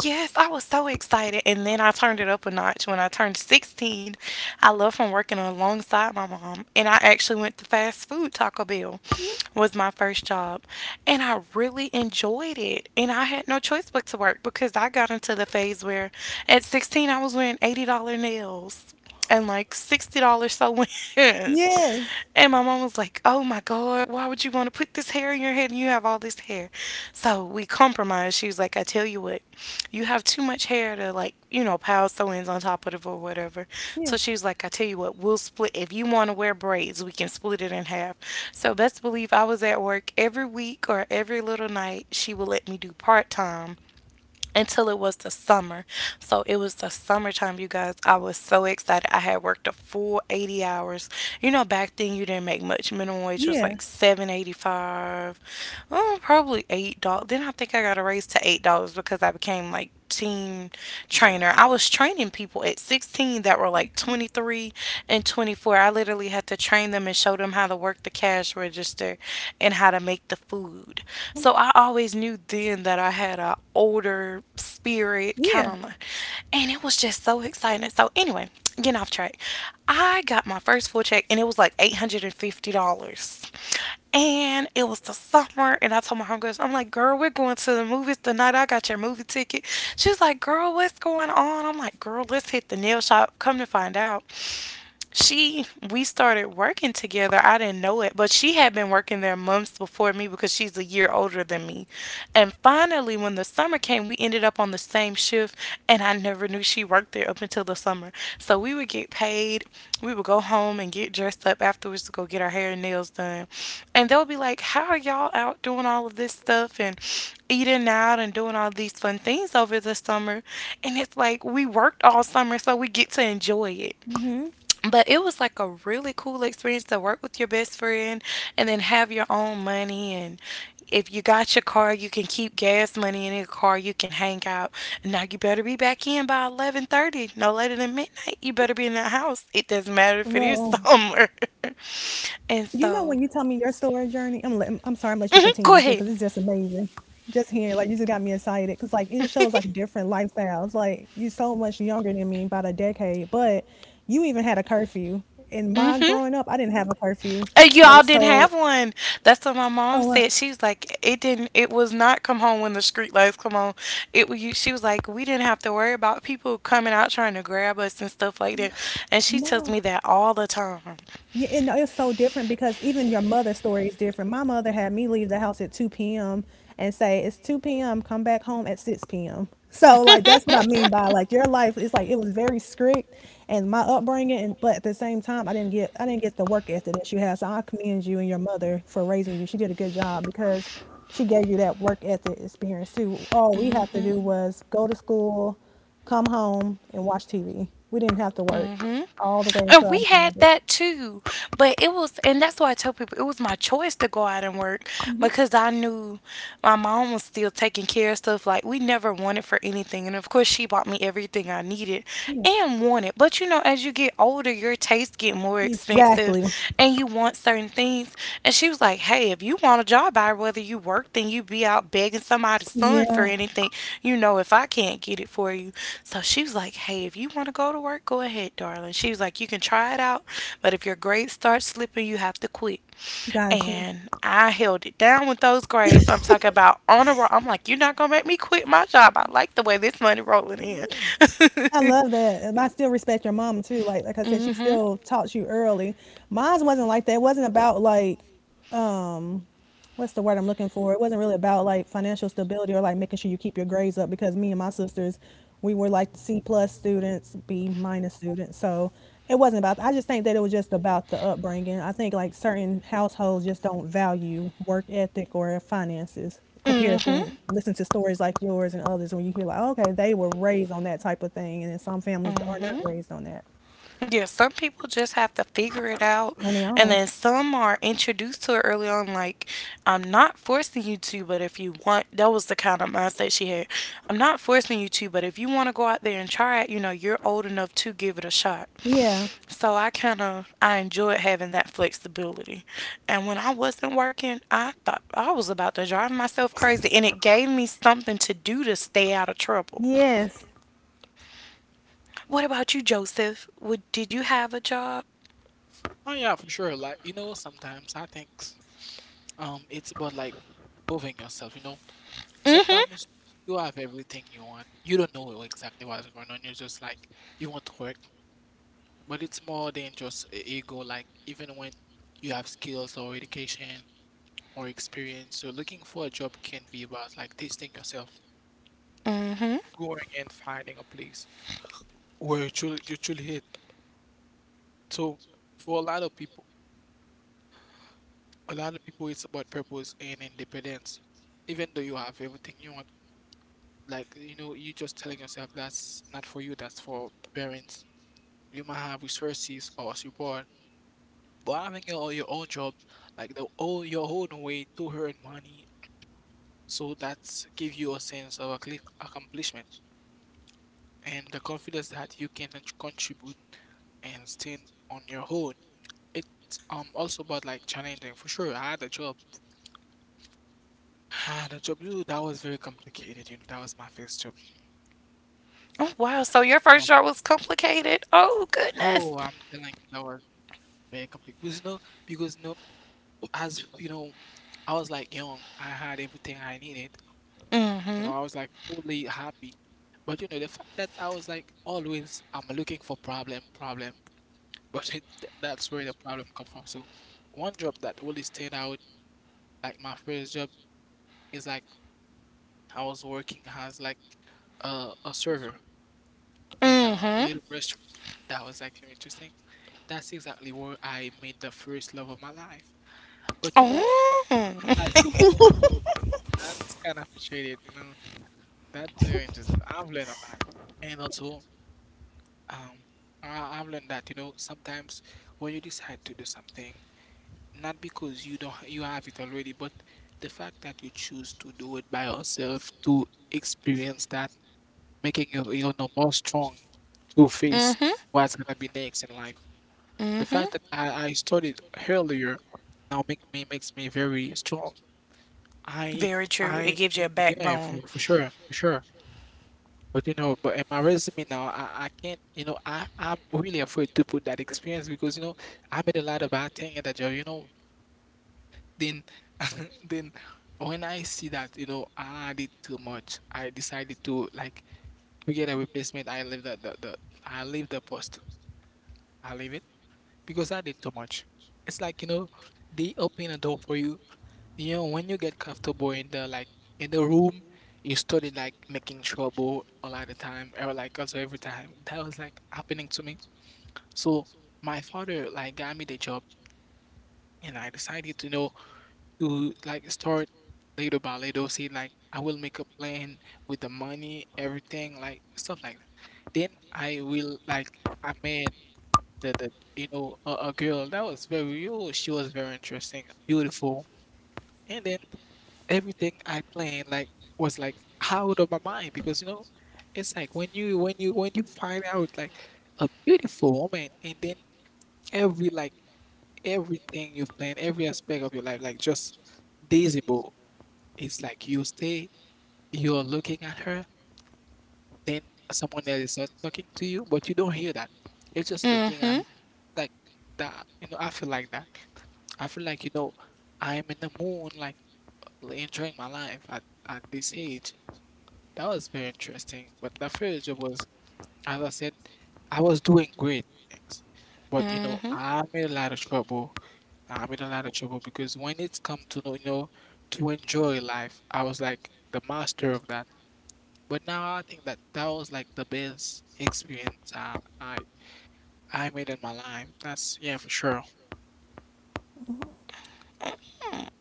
A: Yes, I was so excited. And then I turned it up a notch. When I turned 16, I left from working alongside my mom and I actually went to fast food. Taco Bell
B: Yeah.
A: was my first job. And I really enjoyed it. And I had no choice but to work because I got into the phase where at 16, I was wearing $80 nails and like $60 sew-ins. *laughs*
B: Yes.
A: And my mom was like, "Oh my God, why would you want to put this hair in your head and you have all this hair?" So we compromised. She was like, "I tell you what, you have too much hair to like, pile sew ins on top of it or whatever." So
B: Yeah.
A: she was like, "I tell you what, we'll split. If you want to wear braids, we can split it in half." So best believe I was at work every week or every little night. She would let me do part time until it was the summer. So it was the summertime, you guys. I was so excited. I had worked a full 80 hours. You know, back then you didn't make much. Minimum wage was like
B: Yeah.
A: 7.85, oh, probably $8. Then I think I got a raise to $8 because I became like team trainer. I was training people at 16 that were like 23 and 24. I literally had to train them and show them how to work the cash register and how to make the food. So I always knew then that I had a older spirit kind
B: Yeah.
A: of, and it was just so excited. So anyway, getting off track. I got my first full check and it was like $850. And it was the summer, and I told my homegirls, I'm like, "Girl, we're going to the movies tonight. I got your movie ticket." She's like, "Girl, what's going on?" I'm like, "Girl, let's hit the nail shop." Come to find out, she we started working together. I didn't know it, but she had been working there months before me because she's a year older than me. And finally when the summer came, we ended up on the same shift and I never knew she worked there up until the summer. So we would get paid, we would go home and get dressed up afterwards to go get our hair and nails done. And they'll be like, "How are y'all out doing all of this stuff and eating out and doing all these fun things over the summer?" And it's like we worked all summer so we get to enjoy it.
B: Mhm.
A: But it was like a really cool experience to work with your best friend and then have your own money. And if you got your car, you can keep gas money in your car. You can hang out. Now you better be back in by 11:30, no later than midnight. You better be in the house. It doesn't matter if it is *laughs*
B: Well,
A: summer. And
B: you know, when
A: so,
B: you tell me your story, Journey, I'm sorry, I'm
A: *laughs*
B: let you
A: mhm, go
B: continue too
A: ahead.
B: because it's just amazing. Just hearing, like, you just got me excited because like it just
A: *laughs*
B: shows like different lifestyles. Like, you're so much younger than me, about a decade, but you even had a curfew. In my
A: Hmm.
B: growing up, I didn't have a curfew.
A: Uh,
B: I
A: Y'all
B: was
A: didn't
B: told,
A: have one. That's what my mom
B: oh uh,
A: said. She's like, it didn't. It was not come home when the street lights come on. It was. She was like, we didn't have to worry about people coming out trying to grab us and stuff like that. And she
B: no.
A: tells me that all the time.
B: Yeah, and it's so different because even your mother's story is different. My mother had me leave the house at 2 p.m. and say, "It's 2 p.m., come back home at 6 p.m." So, like, that's what I mean by like your life, is like it was very strict, and my upbringing, and but at the same time, I didn't get the work ethic that you had. So I commend you and your mother for raising you. She did a good job because she gave you that work ethic experience too. All we had to do was go to school, come home, and watch TV. We didn't have to work
A: Hmm.
B: all the way
A: And
B: until I
A: we had
B: was like,
A: that too. But it was, and that's why I tell people it was my choice to go out and work because I knew my mom was still taking care of stuff. Like, we never wanted for anything. And of course, she bought me everything I needed
B: yeah.
A: and wanted. But you know, as you get older, your tastes get more expensive
B: Exactly.
A: and you want certain things. And she was like, "Hey, if you want a job out, whether you work, then you be out begging somebody's son for
B: Yeah.
A: anything. You know, if I can't get it for you," so she was like, "Hey, if you want to go to work, go ahead, darling." She was like, "You can try it out, but if your grades start slipping, you have to quit."
B: Got you.
A: And I held it down with those grades. I'm talking about on a roll. I'm like, "You're not going to make me quit my job. I like the way this money rolling in."
B: I
A: *laughs*
B: love that. And I still respect your mom too. Like I said,
A: Mm
B: she
A: hmm.
B: still taught you early. Mine wasn't like that. It wasn't about like, um, what's the word I'm looking for? It wasn't really about like financial stability or like making sure you keep your grades up, because me and my sisters, we were like C plus students, B minus students. So it wasn't about. I just think that it was just about the upbringing. I think like certain households just don't value work ethic or finances
A: Mm
B: compared
A: hmm.
B: to, listen to stories like yours and others, when you hear like, okay, they were raised on that type of thing, and then some families
A: Mm
B: are not
A: hmm.
B: raised on that.
A: Yeah, some people just have to figure it out,
B: On their
A: and
B: own.
A: then some are introduced to it early on. Like, I'm not forcing you to, but if you want, that was the kind of mindset she had. I'm not forcing you to, but if you want to go out there and try it, you know, you're old enough to give it a shot.
B: Yeah.
A: So I kind of I enjoyed having that flexibility, and when I wasn't working, I thought I was about to drive myself crazy, and it gave me something to do to stay out of trouble.
B: Yes,
A: What about you, Joseph? Would did you have a job?
C: Oh yeah, for sure. Like you know, sometimes I think it's about like moving yourself, you know.
A: Hmm.
C: Sometimes you have everything you want. You don't know exactly what's going on. You're just like you want to work. But it's more than just a ego, like even when you have skills or education or experience. So looking for a job can be about like testing yourself,
A: Mm-hmm.
C: going and finding a place where you truly hit. So for a lot of people, a lot of people it's about purpose and independence. Even though you have everything you want, like you know, you just telling yourself that's not for you, that's for parents. You might have resources or support. But having your own job like the all your own way to earn money. So that give you a sense of accomplishment and the confidence that you can contribute and stand on your own. It's also about like challenging for sure. I had a job. I had a job. Ooh, that was very complicated. You know, that was my first job.
A: Oh wow! So your first
C: Um,
A: job was complicated. Oh
C: oh, I'm
A: goodness.
C: telling you, that was very complicated. Because you know, as you know, I was like young. I had everything I needed. You know, I
A: Mm-hmm.
C: was like totally happy. But you know, the fact that I was like always, I'm looking for problem. But *laughs* that's where the problem come from. So one job that really stayed out, like my first job, is like I was working as like a server in a
A: Mm-hmm.
C: little restaurant. That was like very interesting. That's exactly where I made the first love of my life. But you know,
A: Oh.
C: it's like
A: *laughs*
C: you know, that's kind of appreciated. You know, that's very interesting. I've learned a lot, and also um, I've learned that you know sometimes when you decide to do something not because you don't you have it already, but the fact that you choose to do it by yourself to experience that, making you you know more strong to face
A: Mm-hmm.
C: what's gonna be next in life. The
A: Mm-hmm.
C: fact that I studied earlier now makes me very strong. I
A: Very true. It
C: I
A: gives you a
C: yeah
A: backbone.
C: for, for sure. But you know, but in my resume now, I can't, you know, I'm really afraid to put that experience because, you know, I made a lot of bad things in the job, you know. Then, *laughs* then when I see that, you know, I did too much, I decided to like to get a replacement. I leave the I leave the post. I leave it because I did too much. It's like, you know, they open a door for you. You know, when you get comfortable in the like in the room, you started like making trouble a lot of time or like also every time. That was like happening to me. So my father like got me the job and I decided to know to like start little by little. See, like I will make a plan with the money, everything, like stuff like that. Then I will like I met the you know a girl that was very oh she was very interesting, beautiful, and then everything I planned like was like out of my mind because you know it's like when you find out like a beautiful woman and then every like everything you've planned, every aspect of your life, like just Daisy Bo. It's like you stay, you're looking at her, then someone else is not talking to you, but you don't hear that. You're just looking at
A: Mm-hmm.
C: like that. You know, I feel like that. I feel like, you know, I'm in the moon, like enjoying my life at this age. That was very interesting. But the first job was as I said, I was doing great things, but you know,
A: Mm-hmm.
C: I'm in a lot of trouble. I'm in a lot of trouble because when it's come to, you know, to enjoy life, I was like the master of that. But now I think that that was like the best experience I made in my life. That's yeah, for sure.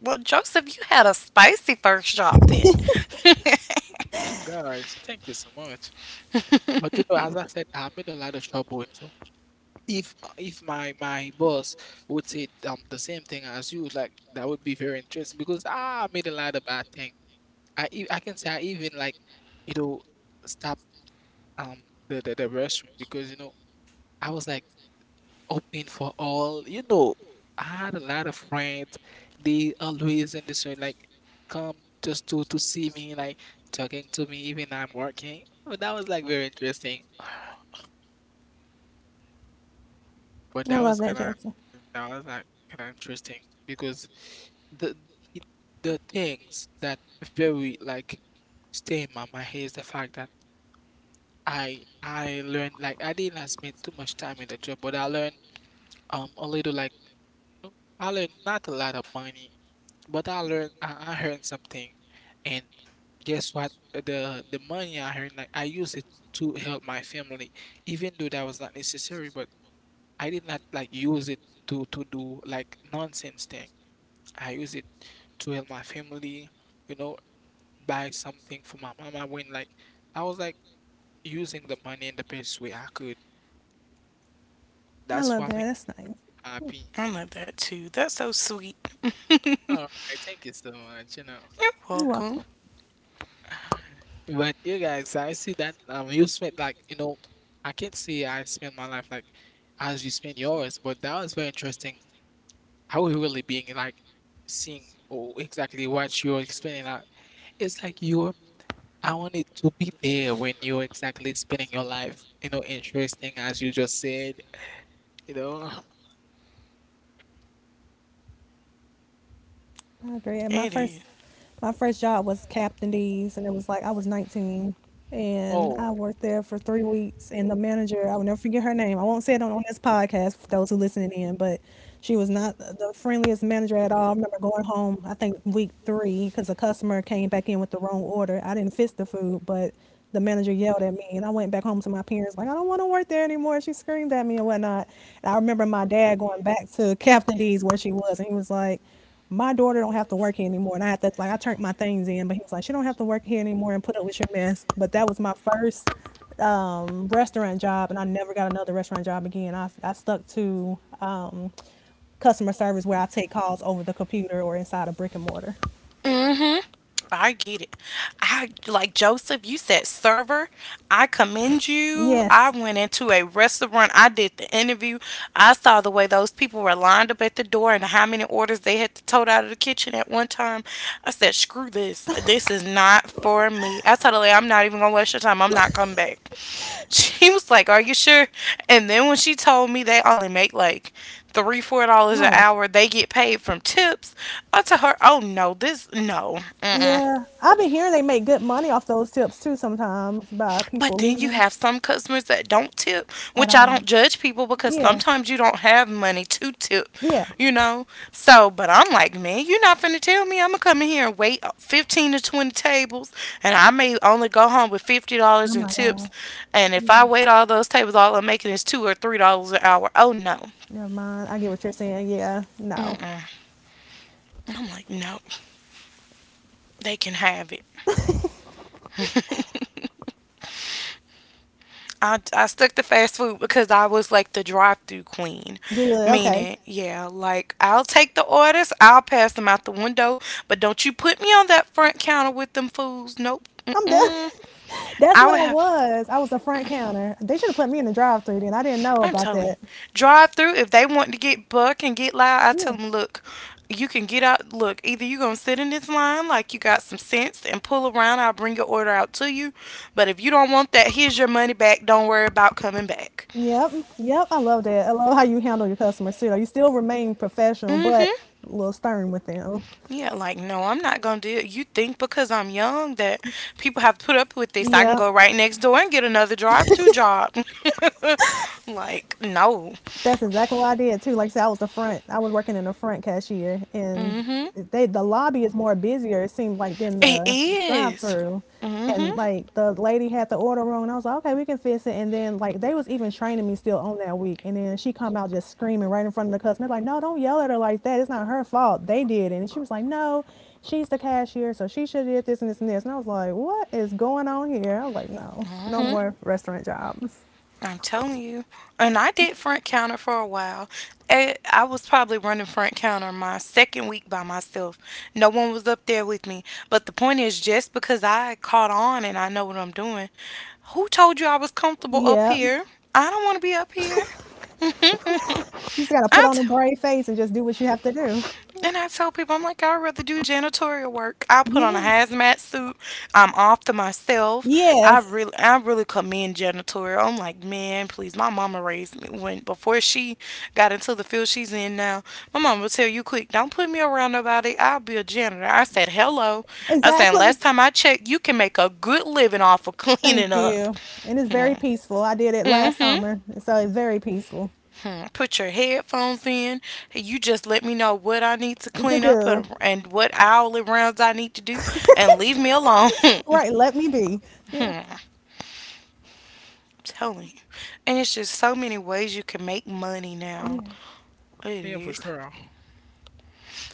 A: Well, Joseph, you had a spicy first job then. *laughs*
C: Guys, thank you so much. But you know, as I said, I'm in a lot of trouble. So if if my boss would say the same thing as you, like that would be very interesting because ah, I made a lot of bad thing. I can say I even like you know stop um the restaurant because you know I was like open for all you know I had a lot of friends. They always in this way like come just to see me like talking to me even I'm working. But that was like very interesting. *sighs* But
B: I
C: that
B: love
C: was
B: that,
C: kind of
B: Josie.
C: that was like kind of interesting because the it- the things that very like stay in my mind is the fact that I learned like I didn't like spend too much time in the job, but I learned a little like you know, I learned not a lot of money, but I learned I earned something, and guess what? The money I earned like I used it to help my family, even though that was not necessary, but. I did not like use it to do like nonsense thing. I use it to help my family, you know, buy something for my mama when like I was like using the money in the best way I could.
B: I love that,
C: That's
B: that's
C: what makes
B: nice.
C: me happy.
A: I love that too. That's so sweet. *laughs*
C: All
A: You're
C: right, thank you so much, you know.
B: You're welcome.
A: welcome.
C: *laughs* But you guys, I see that you spent like, you know, I can't say I spent my life like as you spent yours, but that was very interesting how you really being like seeing or exactly what you're explaining. Like it's like you I wanted to be there when you're exactly spending your life, you know, interesting as you just said, you know. *laughs*
B: I agree. And my
A: It
B: first
A: is.
B: my first job was Captain D's, and it was like I was 19, and I
C: Oh,
B: worked there for 3 weeks, and the manager, I will never forget her name. I won't say it on this podcast for those who listening in, but she was not the friendliest manager at all. I remember going home, I think week 3, cuz a customer came back in with the wrong order. I didn't fix the food, but the manager yelled at me, and I went back home to my parents like, I don't want to work there anymore. She screamed at me and whatnot. And I remember my dad going back to Captain D's where she was, and he was like, my daughter don't have to work here anymore. And I had to like, I turned my things in, but he was like, she don't have to work here anymore and put up with your mess. But that was my first restaurant job, and I never got another restaurant job again. I stuck to customer service where I take calls over the computer or inside a brick and mortar.
A: Mm-hmm. I get it. I like Joseph, you said server. I commend you. I
B: Yes.
A: went into a restaurant. I did the interview. I saw the way those people were lined up at the door and how many orders they had to tote out of the kitchen at one time. I said, screw this. This is not for me. I told her, like, "I'm not even going to waste your time. I'm not coming back." *laughs* She was like, "Are you sure?" And then when she told me they only make like three, $4 an
B: Oh
A: hour, they get paid from tips. I told her, "Oh no, this, no." Mm-mm.
B: yeah, I've been hearing they make good money off those tips too sometimes, by
A: But
B: people
A: then
B: leaving
A: you
B: them.
A: have some customers that don't tip,
B: At
A: which I
B: all.
A: don't judge people because
B: Yeah.
A: sometimes you don't have money to tip,
B: Yeah.
A: you know? So, but I'm like, "Man, you're not finna tell me I'm gonna come in here and wait 15 to 20 tables and I may only go home with
B: Oh
A: $50 in
B: my
A: tips.
B: gosh.
A: And if I wait all those tables, all I'm making is 2 or $3 an hour. Oh no."
B: Never mind, I get what you're saying. Yeah, no.
A: Mm-mm. I'm like, no, they can have it. I stuck to fast food because I was like the drive through queen.
B: Good. Okay.
A: Meaning, yeah, like I'll take the orders, I'll pass them out the window, but don't you put me on that front counter with them fools. Nope.
B: I'm done.
A: Mm-mm.
B: *laughs* That's
A: I
B: what
A: would
B: I
A: have,
B: was. I was a front counter. They should have put me in the drive-through then. I didn't know
A: I'm
B: about
A: telling
B: that.
A: you, drive through. If they want to get buck and get loud, I
B: Yeah.
A: tell them, "Look, you can get out. Look, either you're going to sit in this line like you got some sense and pull around, I'll bring your order out to you. But if you don't want that, here's your money back. Don't worry about coming back."
B: Yep. Yep. I love that. I love how you handle your customers too. You still remain professional,
A: Mm
B: but
A: hmm.
B: a little stern with them.
A: Yeah, like, no, I'm not going to do it. You think because I'm young that people have to put up with this, I can
B: Yep.
A: go right next door and get another drive through job. *laughs* Like, no.
B: That's exactly what I did too. Like I said, I was the front. I was working in the front cashier, and
A: Hmm.
B: they, the lobby is more busier, it seemed, like, than
A: It
B: the drive
A: is.
B: through.
A: Mm-hmm.
B: And like the lady had the order wrong, and I was like, okay, we can fix it. And then like they was even training me still on that week, and then she come out just screaming right in front of the customer, like, no, don't yell at her like that. It's not her fault. They did it. And she was like, no, she's the cashier, so she should have did this and this and this. And I was like, what is going on here? I was like, no, no
A: Mm-hmm.
B: more restaurant jobs.
A: I'm telling you. And I did front counter for a while. Eh, I was probably running front counter my second week by myself. No one was up there with me. But the point is, just because I caught on and I know what I'm doing, who told you I was comfortable up
B: Yeah.
A: here? I don't want to be up here. *laughs* I
B: You just gotta put on a
A: t-
B: brave face and just do what you have to do.
A: and I tell people, I'm like, I'd rather do janitorial work. I put on a
B: Yes.
A: hazmat suit. I'm off to myself.
B: Yes.
A: I really commend janitorial. I'm like, man, please. My mama raised me when before she got into the field she's in now. My mama will tell you quick, don't put me around nobody. I'll be a janitor. I said, hello. I said,
B: Exactly.
A: last time I checked, you can make a good living off of
B: Thank
A: cleaning up.
B: you. And it's very
A: *laughs*
B: peaceful. I did it
A: Mm
B: last
A: hmm.
B: summer, so it's very peaceful
A: Hmm, put your headphones in. You just let me know what I need to
B: to
A: clean up
B: do.
A: and, what hourly rounds I need to do, and leave me alone. *laughs*
B: Right. Let me be. Yeah.
A: Hmm, I'm telling you. And it's just so many ways you can make money now. It
C: yeah, for
A: is.
C: sure.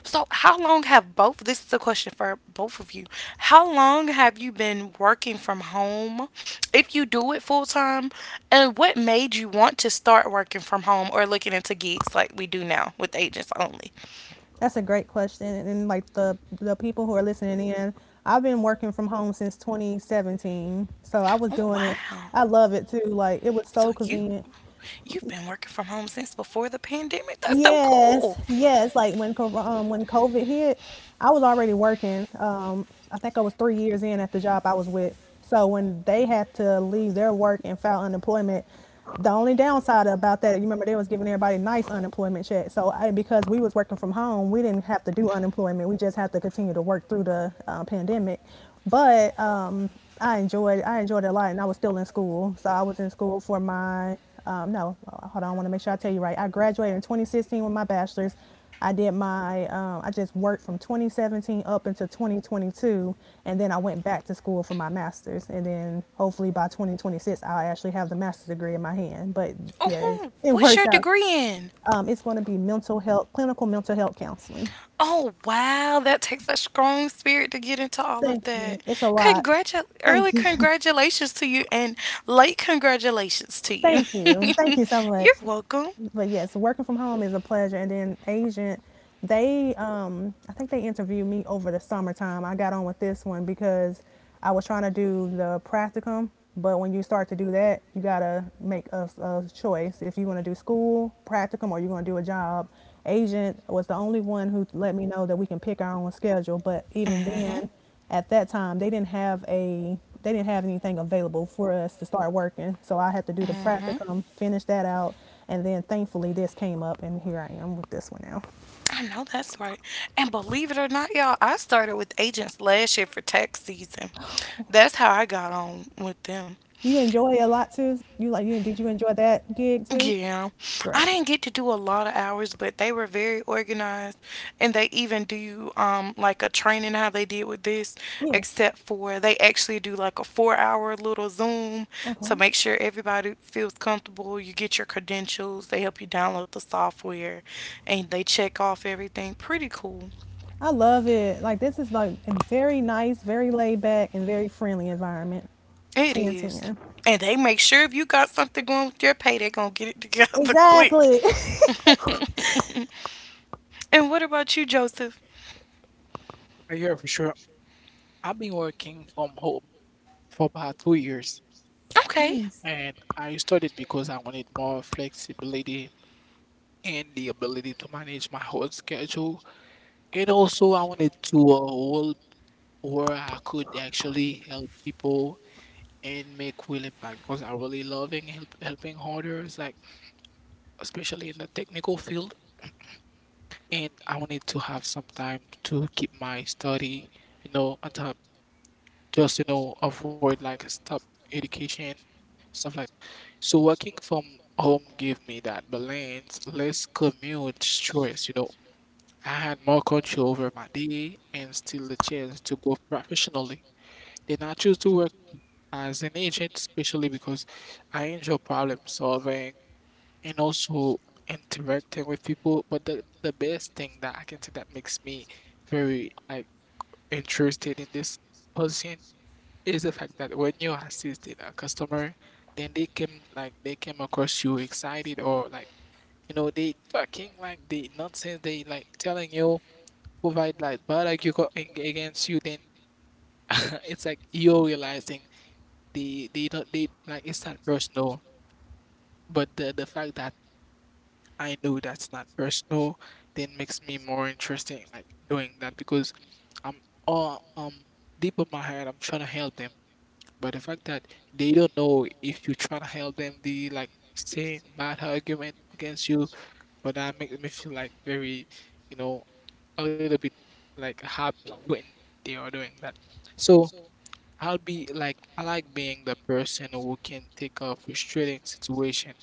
A: So, how long have both? This is a question for both of you. How long have you been working from home? If you do it full time, and what made you want to start working from home or looking into gigs like we do now with agents only?
B: That's a great question. And like the people who are listening in, I've been working from home since 2017, so I was
A: Oh,
B: doing it.
A: wow.
B: I love it too. Like, it was so
A: So you
B: convenient.
A: you've been working from home since before the pandemic. That's so
B: Yes,
A: cool.
B: yes. Like when when COVID hit, I was already working. I think I was 3 years in at the job I was with. So when they had to leave their work and file unemployment, the only downside about that, you remember they was giving everybody nice unemployment checks. So I, because we was working from home, we didn't have to do unemployment. We just had to continue to work through the pandemic. But I enjoyed it a lot, and I was still in school. So I was in school for my no, well, hold on, I want to make sure I tell you right. I graduated in 2016 with my bachelor's. I did my I just worked from 2017 up until 2022, and then I went back to school for my master's. And then hopefully by 2026, I'll actually have the master's degree in my hand. But yeah, it's,
A: Oh,
B: it
A: what's
B: works
A: your
B: out.
A: degree in?
B: It's going to be mental health, clinical mental health counseling.
A: Oh wow, that takes a strong spirit to get into all of
B: Thank you.
A: that.
B: It's a lot.
A: Congratu- early
B: Thank you. *laughs*
A: congratulations to you and late congratulations to you.
B: Thank you. Thank you so
A: *laughs* You're
B: much.
A: welcome.
B: But yes, working from home is a pleasure. And then Agent, they, I think they interviewed me over the summertime. I got on with this one because I was trying to do the practicum. But when you start to do that, you gotta make a choice if you want to do school practicum or you're gonna do a job. Agent was the only one who let me know that we can pick our own schedule. But even
A: Mhm.
B: then, at that time they didn't have a, they didn't have anything available for us to start working, so I had to do the
A: Mhm.
B: practicum, finish that out, and then thankfully this came up and here I am with this one now.
A: I know that's right. And believe it or not, y'all, I started with agents last year for tax season. That's how I got on with them.
B: Do you enjoy it a lot too? You like, you did, you enjoy that gig too?
A: Yeah. I
B: Great.
A: didn't get to do a lot of hours, but they were very organized and they even do like a training how they did with this,
B: Yeah,
A: except for they actually do like a 4-hour little Zoom to
B: okay.
A: make sure everybody feels comfortable. You get your credentials, they help you download the software and they check off everything. Pretty cool.
B: I love it. Like, this is like a very nice, very laid back and very friendly environment.
A: It
B: Ten
A: is.
B: ten.
A: And they make sure if you got something going with your pay, they are gonna get it together *laughs* quick.
B: Exactly. *laughs*
A: *laughs* And what about you, Joseph?
C: Yeah, for sure. I've been working from home for about 2 years,
A: Okay.
B: Nice.
C: and I started because I wanted more flexibility and the ability to manage my whole schedule. And also, I wanted to or I could actually help people and make real impact because I really loving helping others, like especially in the technical field. And I wanted to have some time to keep my study, you know, on top, just you know, avoid like stop education stuff like. So working from home gave me that balance, less commute stress, you know. I had more control over my day and still the chance to go professionally. Then I choose to work as an agent, especially because I enjoy problem solving and also interacting with people. But the best thing that I can say that makes me very like interested in this position is the fact that when you're assisting a customer, then they came across you excited or like you know they talking like the nonsense they like telling you provide like but like you got against you then *laughs* it's like you're realizing they don't they like it's not personal. But the fact that I know that's not personal then makes me more interesting like doing that because I'm all deep in my head I'm trying to help them. But the fact that they don't know if you try to help them, they like saying bad argument against you, but that makes me feel like very, you know, a little bit like happy when they are doing that. So I'll be like I like being the person who can take a frustrating situation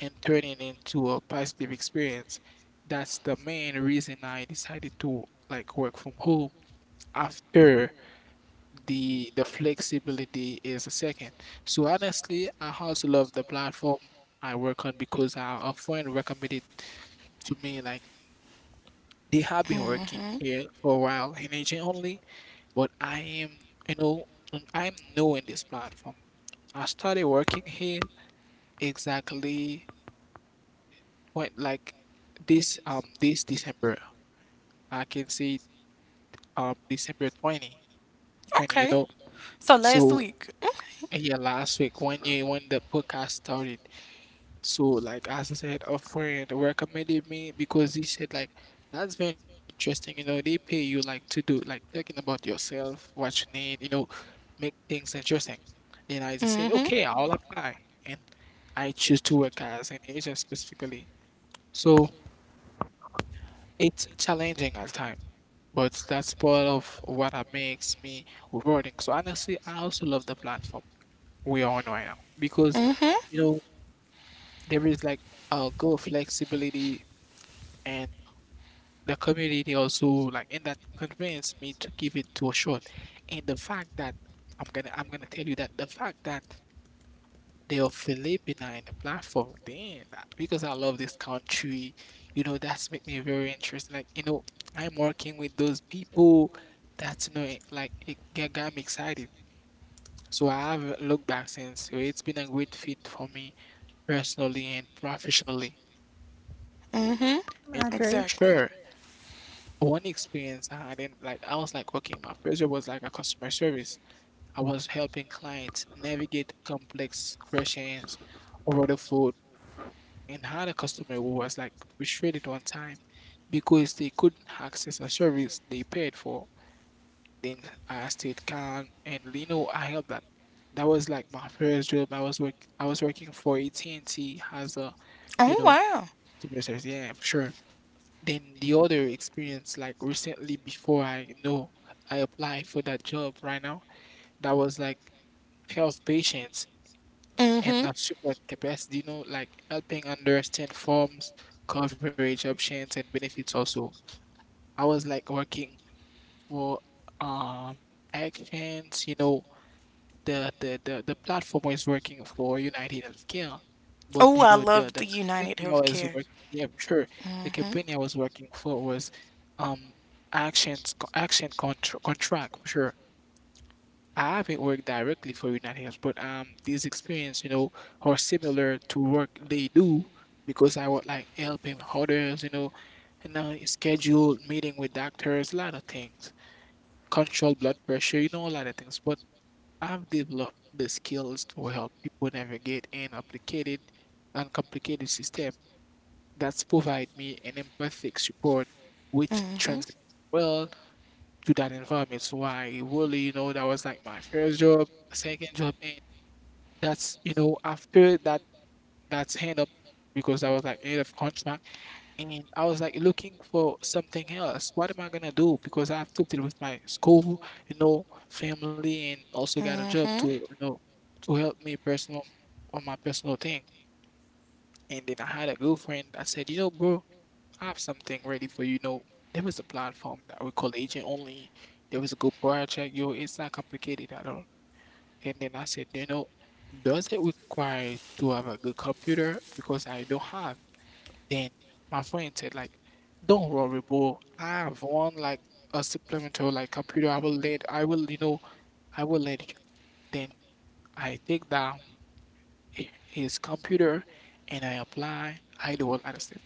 C: and turn it into a positive experience. That's the main reason I decided to like work from home after the flexibility is a second. So honestly, I also love the platform I work on because I, a friend recommended to me like they have been working here for a while in agent only, but I am you know I'm new in this platform. I started working here exactly point like this this December. I can see December 20 twenty you
A: Okay.
C: know.
A: So last
C: So
A: week.
C: yeah, last week when you when the podcast started. So like as I said, a friend recommended me because he said like that's very interesting, they pay you like to do like talking about yourself, what you need, make things interesting. Then I just said,
A: Mm-hmm.
C: okay, I'll apply. And I choose to work as an agent specifically. So it's challenging at times, but that's part of what that makes me rewarding. So honestly, I also love the platform we are on right now because
A: Mm-hmm.
C: you know there is like a good flexibility and the community also like and that convinced me to give it to a shot. And the fact that I'm gonna tell you that the fact that they are Filipina in the platform. Damn that because I love this country, that's make me very interested. Like, I'm working with those people that's like it get got me excited. So I have looked back since it's been a great fit for me personally and professionally.
A: Mm-hmm.
C: And
B: I agree.
A: Exactly.
C: sure, one experience I didn't like I was like working my first job was like a customer service. I was helping clients navigate complex questions over the phone and had a customer who was like frustrated one time because they couldn't access a service they paid for. Then I stayed calm and I helped that. That was like my first job. I was working for AT&T as a you
A: Oh
C: know
A: wow.
C: customer service. Yeah, for sure. Then the other experience like recently before I know I applied for that job right now, that was like health patients and
A: Mm-hmm.
C: not support capacity, like helping understand forms, coverage options, and benefits also. I was like working for um actions, the platform was working for United Healthcare, but
A: Oh, I
C: the
A: love
C: the
A: the United
C: company I was
A: Healthcare.
C: working, yeah, sure, the
A: Mm-hmm.
C: company I was working for was um actions action contract, sure. I haven't worked directly for United Health, but these experience, are similar to work they do because I would like helping others, and schedule meeting with doctors, a lot of things, control blood pressure, a lot of things. But I've developed the skills to help people navigate an complicated, uncomplicated system that's provide me an empathic support, which
A: Mm-hmm.
C: translates well to that environment. So I really, that was like my first job, second job, and that's after that that's hand up because I was like end of contract, and I was like looking for something else. What am I gonna do? Because I have to deal with my school, family, and also got a job to
A: Mm-hmm.
C: you know to help me personal on my personal thing. And then I had a girlfriend that said, bro. I have something ready for you. There was a platform that we call Agent Only. There was a good project. Yo, it's not complicated at all. And then I said, does it require to have a good computer? Because I don't have. Then my friend said, like, don't worry, bro. I have one like a supplemental like computer. I will let I will, you know, I will let you. Then I take that his computer and I apply. I do a lot of stuff.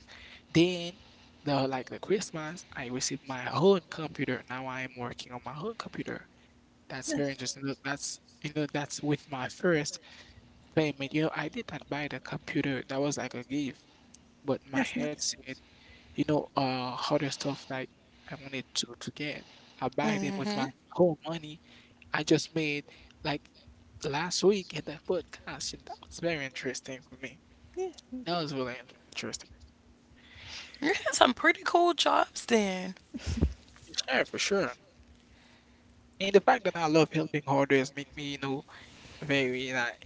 C: Then the like the Christmas, I received my own computer. Now I am working on my own computer. That's very
B: Yes,
C: interesting. That's you know that's with my first payment. I did not buy the computer. That was like a gift. But my
B: that's nice.
C: headset, other stuff like I wanted to get. I buy them with
A: Mm-hmm.
C: my own money. I just made like last week in the podcast, and that was very interesting for me.
B: Yeah.
C: That was really interesting.
A: You had some pretty cool jobs then.
C: Sure, for sure. And the fact that I love helping others make me, very like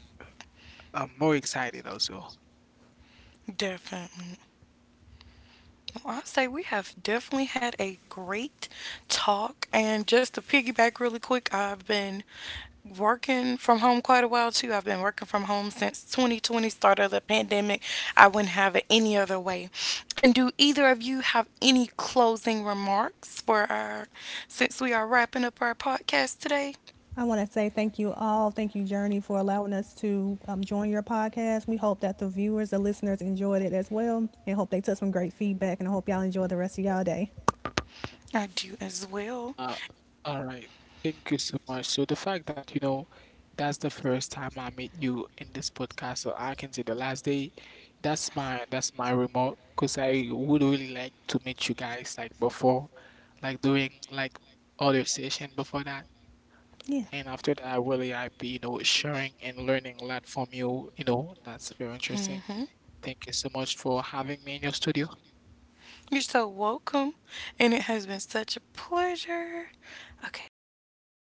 C: I'm more excited also.
A: Definitely. Well, I say we have definitely had a great talk. And just to piggyback really quick, I've been working from home quite a while too. I've been working from home since 2020, start of the pandemic. I wouldn't have it any other way. And do either of you have any closing remarks for our, since we are wrapping up our podcast today?
B: I want to say thank you all. Thank you, Journey, for allowing us to join your podcast. We hope that the viewers, the listeners enjoyed it as well, and hope they took some great feedback. And I hope y'all enjoy the rest of y'all day.
A: I do as well.
C: Uh, all right. Thank you so much. So the fact that, that's the first time I meet you in this podcast, so I can say the last day, that's my remote because I would really like to meet you guys like before, like doing like other session before that.
B: Yeah.
C: And after that, I really happy, sharing and learning a lot from you. That's very interesting.
A: Hmm.
C: Thank you so much for having me in your studio.
A: You're so welcome. And it has been such a pleasure. Okay, everybody.